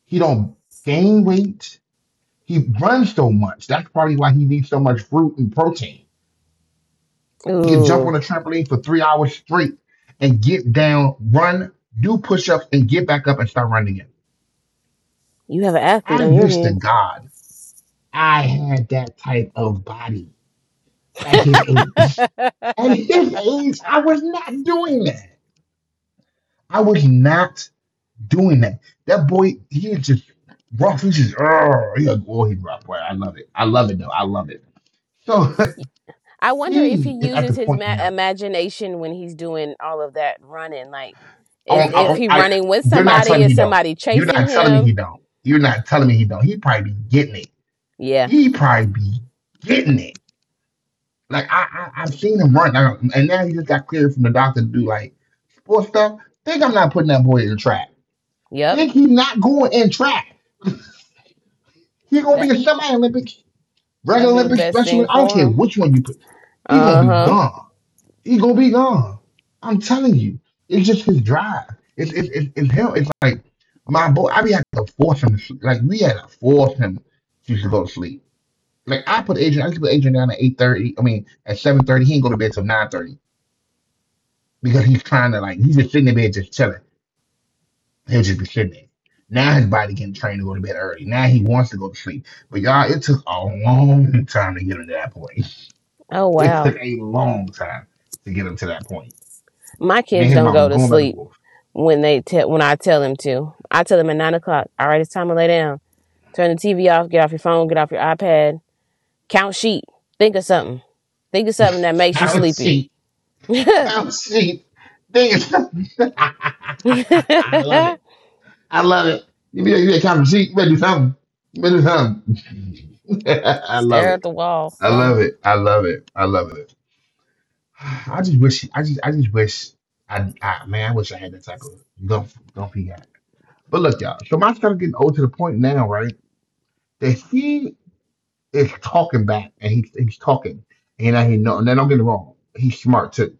Speaker 1: He don't gain weight. He runs so much. That's probably why he needs so much fruit and protein. He can jump on
Speaker 3: Ooh,
Speaker 1: a trampoline for 3 hours straight and get down, run, do push ups, and get back up and start running again.
Speaker 3: you have an athlete
Speaker 1: I
Speaker 3: on your
Speaker 1: wish to
Speaker 3: hands.
Speaker 1: God I had that type of body at his age. At his age, I was not doing that. I was not doing that. That boy, he is just rough. He's just, oh, he's a, oh, he's rough. Boy, I love it. I love it, though. I love it. So
Speaker 3: I wonder if he
Speaker 1: he is at
Speaker 3: uses
Speaker 1: the
Speaker 3: his
Speaker 1: point now.
Speaker 3: imagination when he's doing all of that running. Like,
Speaker 1: I,
Speaker 3: is if
Speaker 1: I,
Speaker 3: he
Speaker 1: I,
Speaker 3: running with
Speaker 1: they're not
Speaker 3: somebody?
Speaker 1: telling me
Speaker 3: Is
Speaker 1: he don't.
Speaker 3: somebody
Speaker 1: You're
Speaker 3: chasing
Speaker 1: not telling me
Speaker 3: him?
Speaker 1: he don't. You're not telling me he don't. He probably be getting it.
Speaker 3: Yeah.
Speaker 1: He probably be getting it. Like I I've seen him run, now, and now he just got cleared from the doctor to do like sports stuff. Think I'm not putting that boy in track.
Speaker 3: Yep.
Speaker 1: Think he's not going in track. He's gonna
Speaker 3: That
Speaker 1: be a semi Olympics, regular
Speaker 3: that'd be the
Speaker 1: Olympics,
Speaker 3: best
Speaker 1: special.
Speaker 3: thing
Speaker 1: I don't
Speaker 3: for
Speaker 1: care
Speaker 3: him.
Speaker 1: which one you put. He's gonna
Speaker 3: Uh
Speaker 1: be
Speaker 3: huh.
Speaker 1: gone. He's gonna be gone. I'm telling you, it's just his drive. It's him. It's like my boy. I be had to force him to sleep. Like we had to force him to go to sleep. Like I put Adrian, I used to put Adrian down at 8:30. I mean at 7:30. He ain't go to bed till 9:30 because he's trying to like he's just sitting in bed just chilling. He'll just be sitting there. Now his body getting trained to go to bed early. Now he wants to go to sleep. But y'all, it took a long time to get him to that point.
Speaker 3: Oh,
Speaker 1: It took
Speaker 3: wow.
Speaker 1: a long time to get him to that point.
Speaker 3: My
Speaker 1: Me
Speaker 3: kids
Speaker 1: and his
Speaker 3: don't
Speaker 1: mom was
Speaker 3: go to
Speaker 1: going back and
Speaker 3: sleep
Speaker 1: forth.
Speaker 3: when I tell them to. I tell them at 9 o'clock. All right, it's time to lay down. Turn the TV off, get off your phone, get off your iPad, count sheep, think of something. Think of something that makes you
Speaker 1: Count
Speaker 3: sleepy.
Speaker 1: sheep, count sheep. Dang it. I love it. I love it. You better count sheep. You better do something. You better do something. I love
Speaker 3: Stare
Speaker 1: it.
Speaker 3: at the wall,
Speaker 1: I
Speaker 3: something.
Speaker 1: love it. I love it. I love it. I just wish he, I just wish I I wish I had that type of gun gun he had. But look, y'all, Shamat's kind of getting old to the point now, right? That he is talking back and he's talking. And I hear no and then don't get me wrong, he's smart too.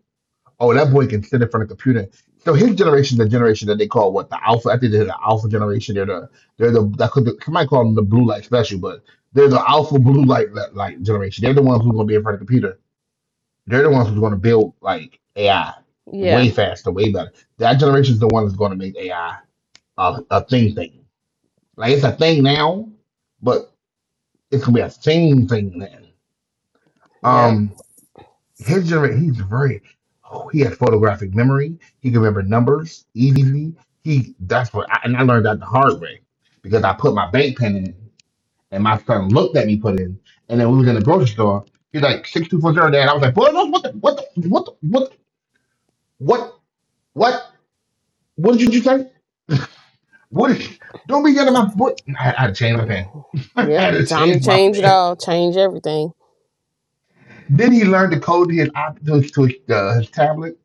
Speaker 1: Oh, that boy can sit in front of a computer. So his generation, the generation that they call what the alpha. I think they're the alpha generation. They're the that could somebody call them the blue light special, but they're the alpha blue light generation. They're the ones who are gonna be in front of the computer they're the ones who's going to build like AI way
Speaker 3: Yeah,
Speaker 1: faster, way better. That generation is the one that's going to make AI a, a thing. Like it's a thing now, but it's gonna be a thing thing then.
Speaker 3: yep,
Speaker 1: Um, his generation, he's very. Oh, he has photographic memory. He can remember numbers easy. He that's what, I, and I learned that the hard way because I put my bank pin in, and my son looked at me put it in, and then we was in the grocery store. He's like 6240, dad. I was like, boy, no, what the what the what the, what the, what what? What did you say? What? Did, don't be yelling at my boy. I had to change my pen. I
Speaker 3: yep.
Speaker 1: had to
Speaker 3: Time to
Speaker 1: change my
Speaker 3: change it
Speaker 1: pen.
Speaker 3: all, change everything.
Speaker 1: Then he learned to code to his op- to his tablet.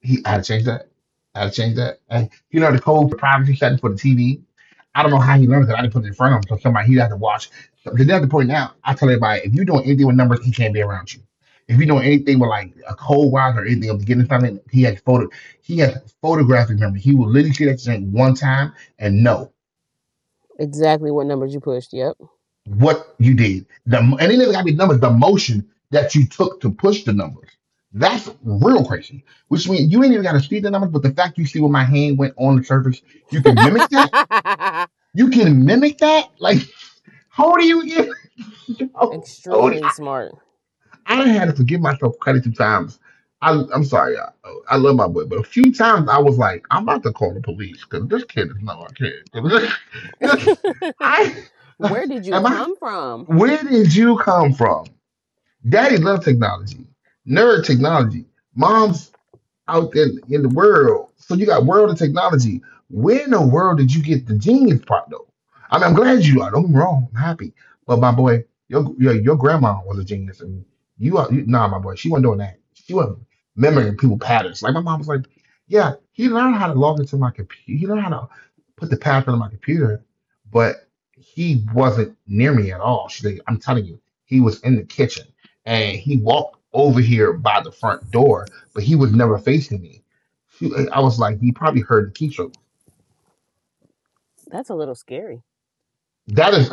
Speaker 1: He I had to change that. I had to change that. And he learned the code for the privacy setting for the TV. I don't know how he learned that. I didn't put it in front of him, so somebody he'd have to watch. So then at the point now, I tell everybody if you're doing anything with numbers, he can't be around you. If you're doing anything with like a code wise or anything of getting something, he has photographic memory. He will literally see that thing one time and know
Speaker 3: Exactly what numbers you pushed, yep.
Speaker 1: what you did. The and it never got to be numbers, the motion that you took to push the numbers. That's real crazy. Which means you ain't even gotta see the numbers, but the fact you see where my hand went on the surface, you can mimic that. You can mimic that. Like, how do you get? How, how
Speaker 3: Extremely
Speaker 1: I,
Speaker 3: smart.
Speaker 1: I had to forgive myself quite a few times. I'm sorry. I love my boy, but a few times I was like, I'm about to call the police because this kid is not my kid. 'Cause This, this, I
Speaker 3: Where did you
Speaker 1: am I.
Speaker 3: come from?
Speaker 1: Where did you come from? Daddy loves technology, nerd technology. Moms out there in the world. So you got world of technology. Where in the world did you get the genius part though? I mean, I'm glad you are. Don't get me wrong. I'm happy. But my boy, your grandma was a genius, and you are you, nah, my boy. She wasn't doing that. She wasn't memorizing people patterns. Like my mom was like, yeah, he learned how to log into my computer. He learned how to put the password on my computer, but he wasn't near me at all. She's like, I'm telling you, he was in the kitchen, and he walked over here by the front door but he was never facing me. I was like, he probably heard the keystroke.
Speaker 3: That's a little scary.
Speaker 1: That is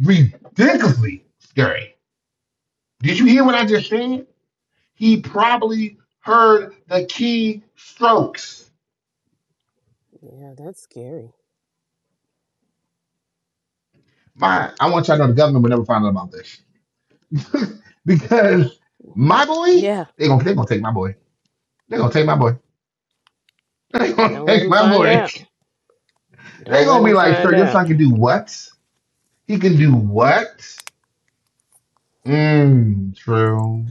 Speaker 1: ridiculously scary. Did you hear what I just said? He probably heard the key strokes.
Speaker 3: Yeah, that's scary.
Speaker 1: My, I want y'all to know the government will never find out about this because my boy,
Speaker 3: Yeah,
Speaker 1: they gonna take my boy. They gonna take my boy. They gonna
Speaker 3: don't let
Speaker 1: take
Speaker 3: him
Speaker 1: my
Speaker 3: find
Speaker 1: boy.
Speaker 3: out.
Speaker 1: They
Speaker 3: Don't let
Speaker 1: gonna be
Speaker 3: him
Speaker 1: like,
Speaker 3: find
Speaker 1: sir, your
Speaker 3: out.
Speaker 1: son can do what? He can do what? Mm, true.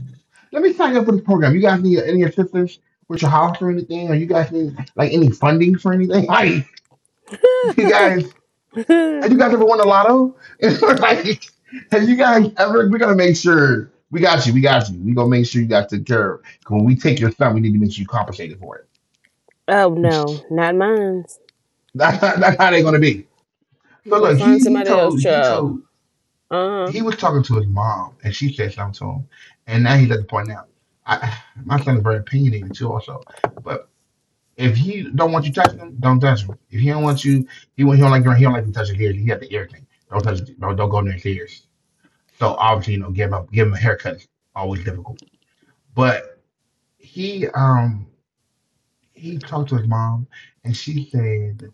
Speaker 1: Let me sign up for this program. You guys need any assistance with your house or anything? Or you guys need like any funding for anything? Like, you guys,
Speaker 3: Oh
Speaker 1: have you guys ever won a lotto? like, have you guys ever? We're gonna make sure we got you. We got you. We gonna make sure you guys take care of. 'Cause when we take your son, we need to make sure you compensated for it.
Speaker 3: no, not mine.
Speaker 1: That's how they're gonna be. So
Speaker 3: Go
Speaker 1: look,
Speaker 3: find
Speaker 1: he
Speaker 3: somebody else,
Speaker 1: told he
Speaker 3: child.
Speaker 1: told
Speaker 3: Uh
Speaker 1: he was talking to his mom, and she said something to him, and now he's at the point now. I, my son is very opinionated too, also. But if he don't want you touching him, don't touch him. If he don't want you, he don't like you touching his ears. He has the ear thing. Don't touch. Don't go near his ears. So obviously, you know, give him a haircut is always difficult. But he um he talked to his mom, and she said.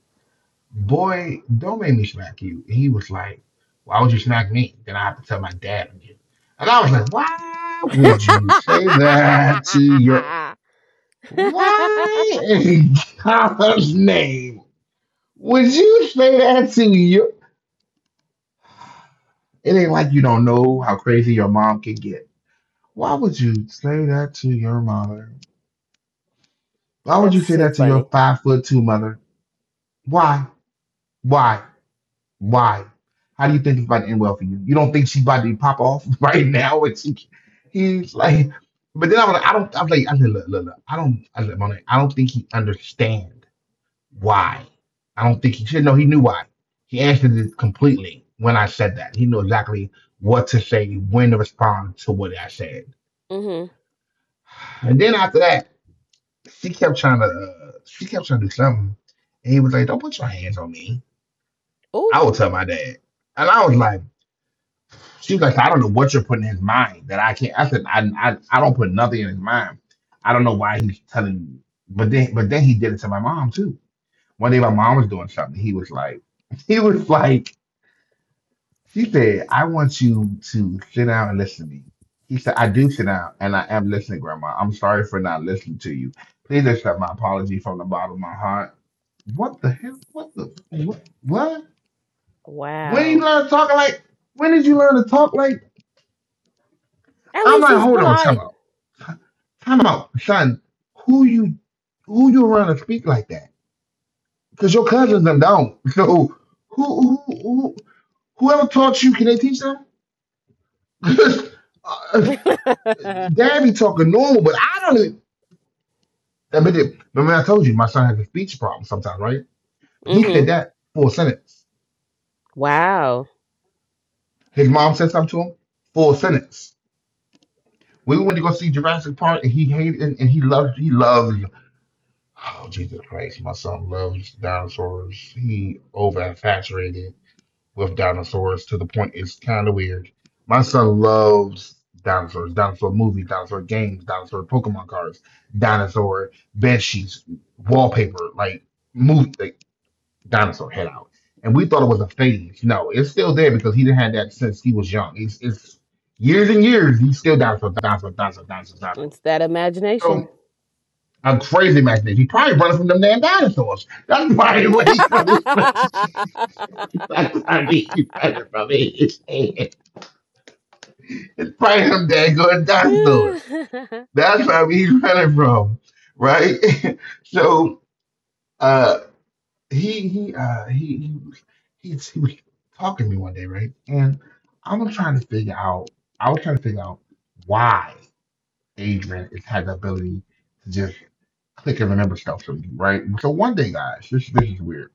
Speaker 1: "Boy, don't make me smack you." And he was like, "Why would you smack me? Then I have to tell my dad and you." And I was like, why would
Speaker 3: huh.
Speaker 1: you say that to your— why in God's name would you say that to your— it ain't like you don't know how crazy your mom can get. Why would you say that to your mother? Why would you
Speaker 3: That's
Speaker 1: say
Speaker 3: too
Speaker 1: that to your
Speaker 3: funny.
Speaker 1: 5'2" mother? Why? Why? Why? How do you think it's about to end well for you? You don't think she's about to pop off right now? And she— he's like— but then I was like— I don't— I'm like, I said, look, look, look, I don't, said, Monet, I don't think he understand why. I don't think he should— no, he knew why. He answered it completely when I said that. He knew exactly what to say, when to respond to what I said.
Speaker 3: Mm hmm.
Speaker 1: And then after that, she kept trying to do something, and he was like, "Don't put your hands on me.
Speaker 3: Oh,
Speaker 1: I will tell my dad." And I was like— she was like, "I don't know what you're putting in his mind that I can't." I said, I don't put nothing in his mind. I don't know why he's telling me. But then, he did it to my mom too. One day, my mom was doing something. He was like, she said, "I want you to sit down and listen to me." He said, "I do sit down and I am listening, Grandma. I'm sorry for not listening to you. Please accept my apology from the bottom of my heart." What the hell? What the what? What? When did you
Speaker 3: wow.
Speaker 1: learn to talk like? When did you learn to talk like?
Speaker 3: At
Speaker 1: I'm
Speaker 3: least
Speaker 1: like,
Speaker 3: he's
Speaker 1: hold on, time
Speaker 3: polite.
Speaker 1: out. Time out, son. Who you who you around to speak like that? Because your cousins them don't. So who who, who whoever taught you? Can they teach them? uh,
Speaker 3: Mm
Speaker 1: Dad be talking normal, but I don't. I mean, remember I told you my son has a speech problem sometimes, right? He
Speaker 3: hmm.
Speaker 1: said that full sentence.
Speaker 3: Wow.
Speaker 1: His mom said something to him, full sentence. We went to go see Jurassic Park, and he hated, and he loved. Oh, Jesus Christ, my son loves dinosaurs. He over infatuated with dinosaurs to the point it's kind of weird. My son loves dinosaurs, dinosaur movies, dinosaur games, dinosaur Pokemon cards, dinosaur bed sheets, wallpaper, like movie, like dinosaur head out. And we thought it was a phase. No, it's still there because he didn't had that since he was young. It's years and years. He's still dinosaur, dinosaur, dinosaur, dinosaur, dinosaur.
Speaker 3: It's that imagination.
Speaker 1: So I'm crazy back then. He probably running from them damn dinosaurs. That's probably what he probably— that's probably he running from it. Fight him daggone dinosaurs.
Speaker 3: Mm-hmm.
Speaker 1: That's where he's running from, right? So uh he he uh he he, he was talking to me one day, right? And I am trying to figure out I was trying to figure out why Adrian is had the ability to just click and remember stuff from me, right? So one day, guys, this is weird.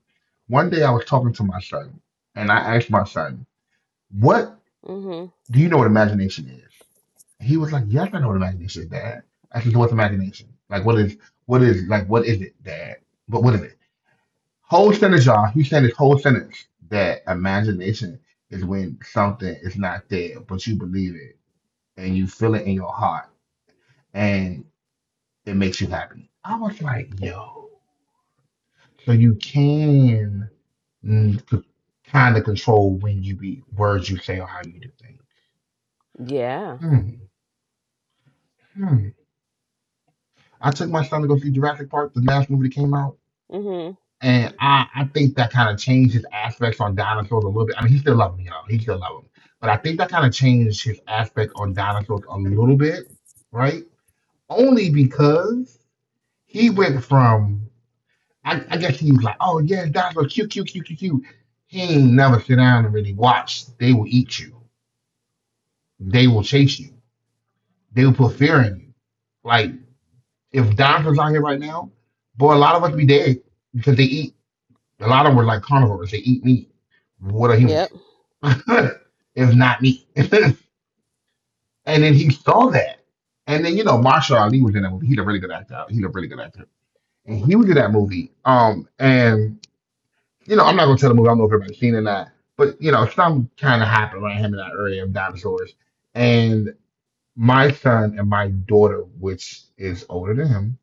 Speaker 1: One day I was talking to my son and I asked my son, "What— do you know what imagination is?" He was like, "Yes, I know what imagination is, Dad." I said, "So what's imagination? Like, what is, what is it, Dad? But what is it?" Whole sentence, y'all. He said this whole sentence, that imagination is when something is not there, but you believe it and you feel it in your heart, and it makes you happy. I was like, yo, so you can mm, c- kind of control when you be words you say or how you do things.
Speaker 3: Yeah.
Speaker 1: Hmm. Hmm. I took my son to go see Jurassic Park, the last movie that came out.
Speaker 3: Mm-hmm.
Speaker 1: And I think that kind of changed his aspects on dinosaurs a little bit. I mean, he still loved me, y'all. He still loved him. But I think that kind of changed his aspect on dinosaurs a little bit, right? Only because he went from— I guess he was like, oh, yeah, dinosaurs, cute, cute, cute, cute, cute. He ain't never sit down and really watch. They will eat you. They will chase you. They will put fear in you. Like, if dinosaurs out here right now, boy, a lot of us be dead because they eat. A lot of them were like carnivores. They eat meat. What are humans?
Speaker 3: Yep.
Speaker 1: If not meat. And then he saw that. And then, Marshall Ali was in that movie. He's a really good actor. He's a really good actor. And he was in that movie. And, I'm not going to tell the movie. I don't know if everybody's seen it or not. But, something kind of happened around him in that area of dinosaurs. And my son and my daughter, which is older than him,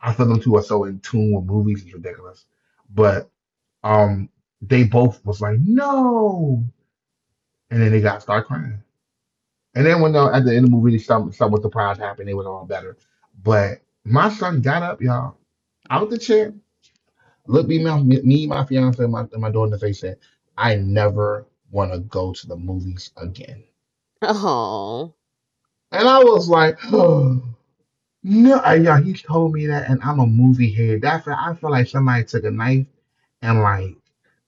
Speaker 1: I feel them two are so in tune with movies. It's ridiculous. But. Um, they both was like, no, and then they got start crying. And then when at the end of the movie, somewhat surprise happened, they was all better. But my son got up, y'all, out the chair, looked me, my fiance, and and my daughter in the face, said, "I never want to go to the movies again."
Speaker 3: Oh.
Speaker 1: And I was like, oh, no, yeah, he told me that, and I'm a movie head. That I feel like somebody took a knife and like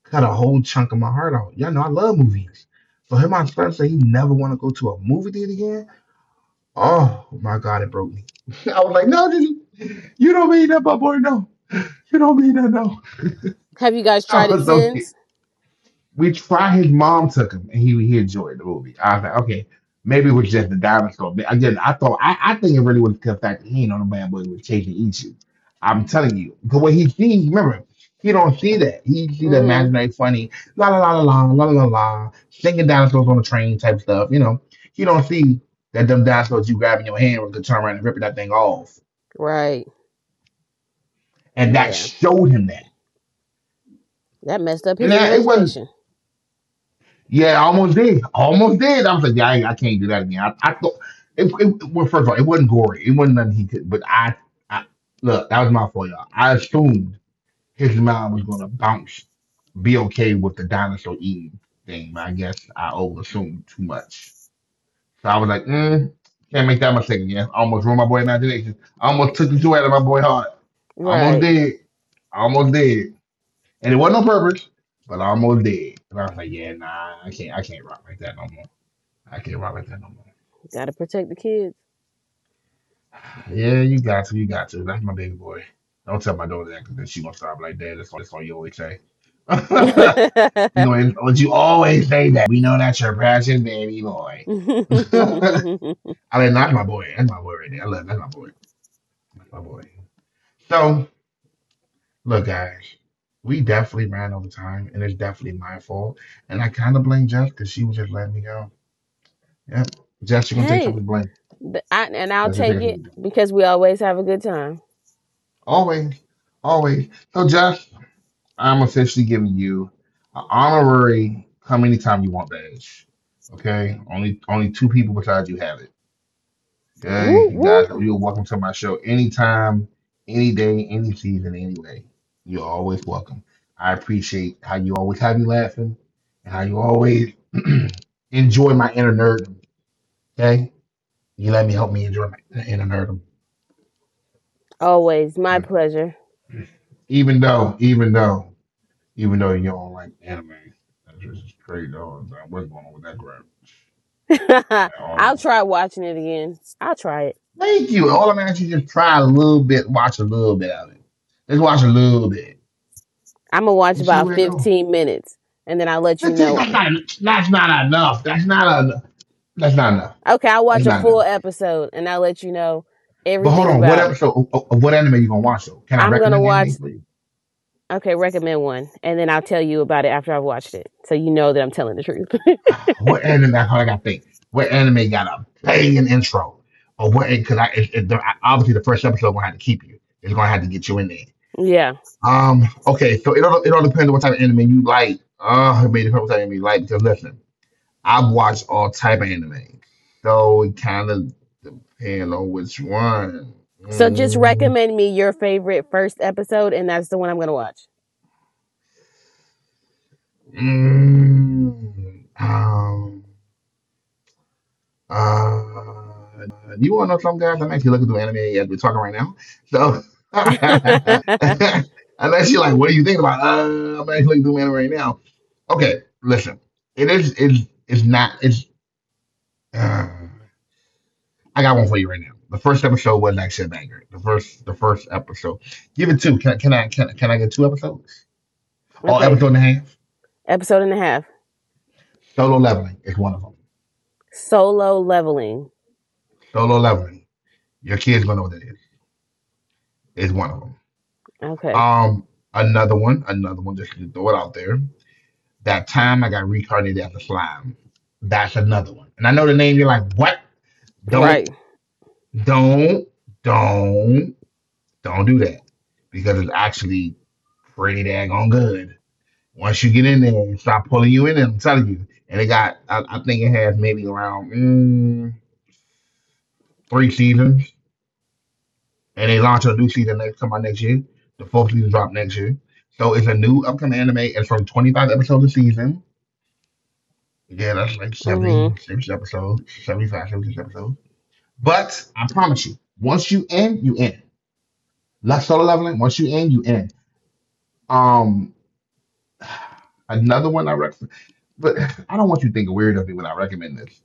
Speaker 1: cut a whole chunk of my heart out. Y'all know I love movies. For him, my son say he never want to go to a movie theater again. Oh my god, it broke me. I was like, no, Diddy, you don't mean that, my boy. No, you don't mean that. No.
Speaker 3: Have you guys
Speaker 1: I
Speaker 3: tried it
Speaker 1: was okay.
Speaker 3: since?
Speaker 1: We try. His mom took him, and he enjoyed the movie. I was like, okay, maybe it was just the dinosaur. But again, I think it really was the fact that he ain't on the bad boy with chasing, eat you. I'm telling you, because what he sees, remember, he don't see that. He see the
Speaker 3: Mm-hmm.
Speaker 1: imaginary funny la la la la la la la la singing dinosaurs on the train type stuff. You know, he don't see that them dinosaurs you grab in your hand was gonna turn around and ripping that thing off,
Speaker 3: Right.
Speaker 1: and that
Speaker 3: Yeah.
Speaker 1: showed him that.
Speaker 3: That messed up
Speaker 1: And
Speaker 3: his
Speaker 1: that, it wasn't—
Speaker 3: imagination.
Speaker 1: yeah, I almost did. Almost did. I was like, yeah, I can't do that again. I thought, it, well, first of all, it wasn't gory. It wasn't nothing he could, but I look, that was my fault, y'all. I assumed his mind was going to bounce, be okay with the dinosaur eating thing, but I guess I over assumed too much. So I was like, can't make that mistake again. Almost ruined my boy imagination. I almost took the joy out of my boy heart. Almost
Speaker 3: Right.
Speaker 1: did. Almost did. And it wasn't on purpose, but I almost did. And I was like, yeah, nah, I can't rock like that no more. I can't rock like that no more.
Speaker 3: Gotta protect the kids.
Speaker 1: Yeah, you got to, you got to. That's my baby boy. Don't tell my daughter that because she gonna stop like that. That's all you always say.
Speaker 3: Hey,
Speaker 1: You know, what you always say that. We know that's your passion, baby boy. I mean, that's my boy. That's my boy right there. I love, that's my boy. That's my boy. So look, guys, we definitely ran over time, and it's definitely my fault. And I kind of blame Jess because she was just letting me go. Yeah. Josh, you're gonna take some of the blame.
Speaker 3: and I'll
Speaker 1: Josh, you're
Speaker 3: take
Speaker 1: taking some of
Speaker 3: it
Speaker 1: the blame.
Speaker 3: because we always have a good time.
Speaker 1: Always. Always. So Josh, I'm officially giving you an honorary come anytime you want badge. Okay? Only two people besides you have it. Okay?
Speaker 3: Whoop
Speaker 1: You guys,
Speaker 3: whoop.
Speaker 1: you're welcome to my show anytime, any day, any season, any way. You're always welcome. I appreciate how you always have you laughing and how you always enjoy my inner nerd. Okay? You let me help me enjoy my inner nerd.
Speaker 3: Always my
Speaker 1: Yeah.
Speaker 3: pleasure.
Speaker 1: Even though, even though, even though you don't like anime, that's just straight on. I wasn't going on with that crap at
Speaker 3: I'll
Speaker 1: all.
Speaker 3: try watching it again. I'll try it.
Speaker 1: Thank you. All I'm asking, you just try a little bit, watch a little bit of it. Just watch a little bit
Speaker 3: I'm gonna watch
Speaker 1: and see
Speaker 3: about
Speaker 1: where it goes.
Speaker 3: 15 minutes and then I'll let you
Speaker 1: 15.
Speaker 3: know.
Speaker 1: That's not. That's not enough. That's not enough. That's not enough.
Speaker 3: Okay, I'll
Speaker 1: That's
Speaker 3: watch a
Speaker 1: not enough.
Speaker 3: full episode and I'll let you know
Speaker 1: But hold
Speaker 3: everything
Speaker 1: on. What
Speaker 3: about it.
Speaker 1: episode of what anime you gonna watch though? Can I
Speaker 3: I'm gonna
Speaker 1: recommend anime
Speaker 3: watch.
Speaker 1: for you?
Speaker 3: Okay, recommend one and then I'll tell you about it after I've watched it, so you know that I'm telling the truth.
Speaker 1: What anime? That's all I gotta think. What anime got a banging intro? Or what? Because I, it, the- obviously the first episode gonna have to keep you. It's gonna have to get you in there.
Speaker 3: Yeah.
Speaker 1: Okay. So it all depends on what type of anime you like. It may depend on what type of anime you like. Because listen, I've watched all type of anime, so it kind of depends on which one.
Speaker 3: So just
Speaker 1: Mm,
Speaker 3: recommend me your favorite first episode, and that's the one I'm going to watch.
Speaker 1: mm, um. You want to know something, guys? I'm actually looking through anime as we're talking right now. So, unless you're like, what are you thinking about? I'm actually looking through anime right now. Okay, listen. It is, it's not, it's, uh, I got one for you right now. The first episode was actually a banger. The first episode. Give it two. Can I get two episodes? Or
Speaker 3: Okay,
Speaker 1: episode and a half?
Speaker 3: episode and a half.
Speaker 1: Solo Leveling is one of them.
Speaker 3: Solo leveling.
Speaker 1: Solo Leveling. Your kids gonna know what that is. It's one of them.
Speaker 3: Okay,
Speaker 1: Um, another one, just to throw it out there. That time I got reincarnated as a slime. That's another one. And I know the name, you're like, what? Don't,
Speaker 3: right.
Speaker 1: don't, don't, don't do that. Because it's actually pretty daggone good. Once you get in there and start pulling you in, I'm telling you. And it got, I think it has maybe around three seasons. And they launch a new season next come out next year. The fourth season drop next year. So it's a new upcoming anime. It's from 25 episodes a season. Yeah, that's like
Speaker 3: Mm
Speaker 1: 70, six episodes, 75, 76 episodes. But I promise you, once you end, you end. Last solo leveling, once you end, you end. Um another one I recommend, but I don't want you thinking weird of me when I recommend this.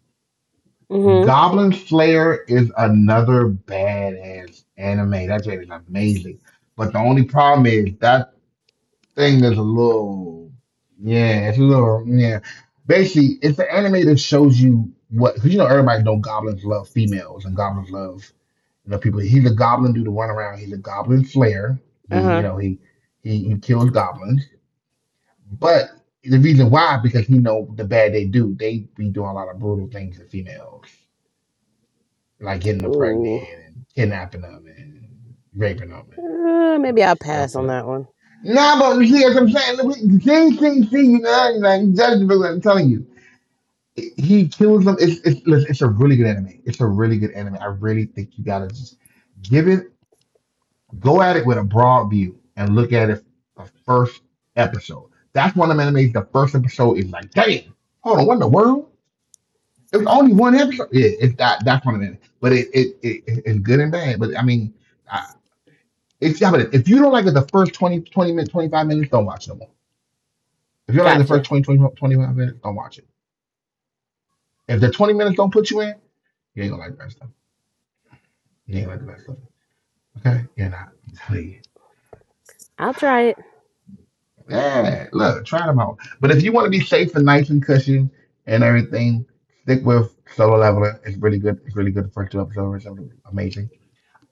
Speaker 3: hmm. Mm
Speaker 1: Goblin Slayer is another badass anime. That shit is amazing. But the only problem is that thing that's a little, yeah, it's a little, yeah. Basically, it's an anime that shows you what, because you know everybody know goblins love females and goblins love, you know, people. He's a goblin dude to run around. He's a goblin slayer.
Speaker 3: hmm.
Speaker 1: He you
Speaker 3: Uh
Speaker 1: know
Speaker 3: huh.
Speaker 1: he kills goblins, but the reason why, because he know the bad they do. They be doing a lot of brutal things to females, like getting them pregnant
Speaker 3: Ooh.
Speaker 1: and kidnapping them and raping them and, you
Speaker 3: Maybe
Speaker 1: know,
Speaker 3: I'll
Speaker 1: stuff
Speaker 3: pass on
Speaker 1: for.
Speaker 3: that one.
Speaker 1: Nah, but you see, that's what I'm saying. Look, see, you know, like Judge, but I'm telling you, he kills them. It's a really good anime. It's a really good anime. I really think you gotta just give it, go at it with a broad view and look at it the first episode. That's one of the animes. The first episode is like, damn, hold on, what in the world? It was only one episode. Yeah, it's that. That's one of them. But it's good and bad. But I mean, I, it's, yeah. But if you don't like it, the first 25 minutes, don't watch no more. If you like the first
Speaker 3: Gotcha.
Speaker 1: 20, 25 minutes, don't watch it. If the 20 minutes don't put you in, you ain't gonna like the rest of it. You ain't gonna like the rest of it. Okay? You're not. I'm telling you.
Speaker 3: I'll try it.
Speaker 1: Yeah, look, try them out. But if you want to be safe and nice and cushion and everything, stick with Solo Leveler. It's really good. It's really good. The first two episodes are amazing.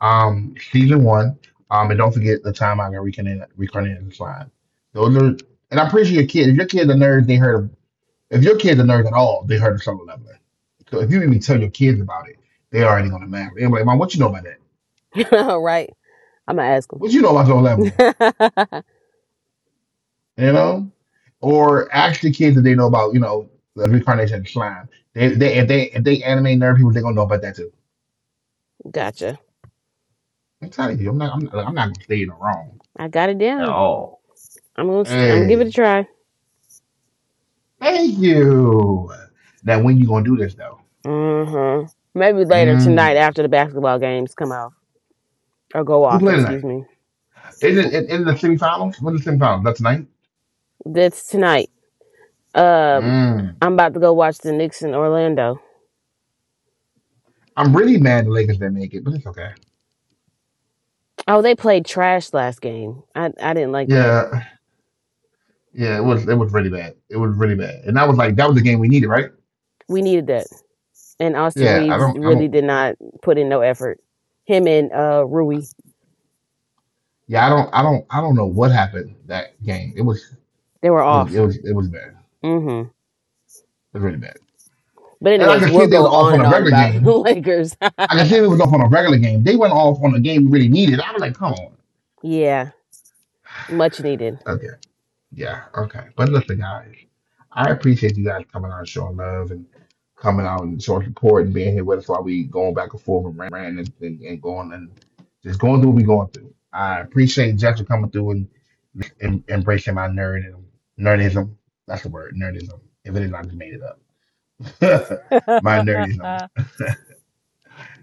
Speaker 1: Season one. And don't forget the time I got reconnected the slide. Those are, and I'm pretty sure your kid, if your kid's a nerd, they heard. If your kid's a nerd at all, they heard of Summer Leveler. So if you even tell your kids about it, they already gonna mad. They're like, Mom, what you know about that?
Speaker 3: All right. I'm going to ask him.
Speaker 1: What you know about Summer Leveler? You know? Or ask the kids that they know about, you know, the reincarnation of the slime. They if they if they anime nerd people, they're gonna know about that too.
Speaker 3: Gotcha.
Speaker 1: I'm telling you, I'm not gonna stay in the wrong.
Speaker 3: I got it down. I'm going to I'm gonna give it a
Speaker 1: Hey,
Speaker 3: try.
Speaker 1: thank you. Now when you gonna do this though?
Speaker 3: Mm hmm. Maybe later tonight
Speaker 1: Mm.
Speaker 3: after the basketball games come off or go
Speaker 1: Who
Speaker 3: off,
Speaker 1: played tonight?
Speaker 3: excuse me.
Speaker 1: In the semifinals? What's the semifinals? That's tonight?
Speaker 3: That's tonight. Um,
Speaker 1: Mm.
Speaker 3: I'm about to go watch the Knicks in Orlando.
Speaker 1: I'm really mad the Lakers didn't make it, but it's okay.
Speaker 3: Oh, they played trash last game. I didn't like that.
Speaker 1: Yeah, yeah, it was really bad. It was really bad, and that was like that was the game we needed, right?
Speaker 3: We needed that, and Austin
Speaker 1: Yeah,
Speaker 3: Reeves
Speaker 1: I
Speaker 3: really
Speaker 1: don't,
Speaker 3: did not put in no effort. Him and Rui,
Speaker 1: yeah, I don't, I don't, I don't know what happened that game. It was,
Speaker 3: they were
Speaker 1: it was, it
Speaker 3: off.
Speaker 1: was, it was bad. It
Speaker 3: Mm hmm.
Speaker 1: was really bad.
Speaker 3: But
Speaker 1: And I
Speaker 3: anyways,
Speaker 1: could see
Speaker 3: we'll
Speaker 1: they was
Speaker 3: go
Speaker 1: off
Speaker 3: on
Speaker 1: on
Speaker 3: and
Speaker 1: a
Speaker 3: on
Speaker 1: regular
Speaker 3: about the
Speaker 1: game.
Speaker 3: Lakers.
Speaker 1: I could see they was off on a regular game. They went off on a game we really needed. I was like, come on.
Speaker 3: Yeah, much needed.
Speaker 1: Okay. Yeah, okay. But listen, guys, I appreciate you guys coming out and showing love and coming out and showing support and being here with us while we going back and forth and ranting and going and just going through what we going through. I appreciate Jess for coming through and at least embracing my nerdism. Nerdism. That's the word, nerdism. If it is, I just made it up. my nerdism.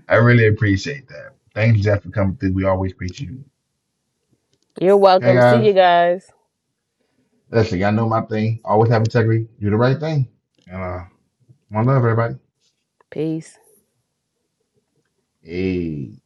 Speaker 1: I really appreciate that. Thanks, Jeff, for coming through. We always appreciate you.
Speaker 3: You're
Speaker 1: Okay,
Speaker 3: welcome. See you
Speaker 1: guys.
Speaker 3: guys.
Speaker 1: Listen, y'all know my thing. Always have integrity. Do the right thing. And my love, everybody.
Speaker 3: Peace.
Speaker 1: Ey,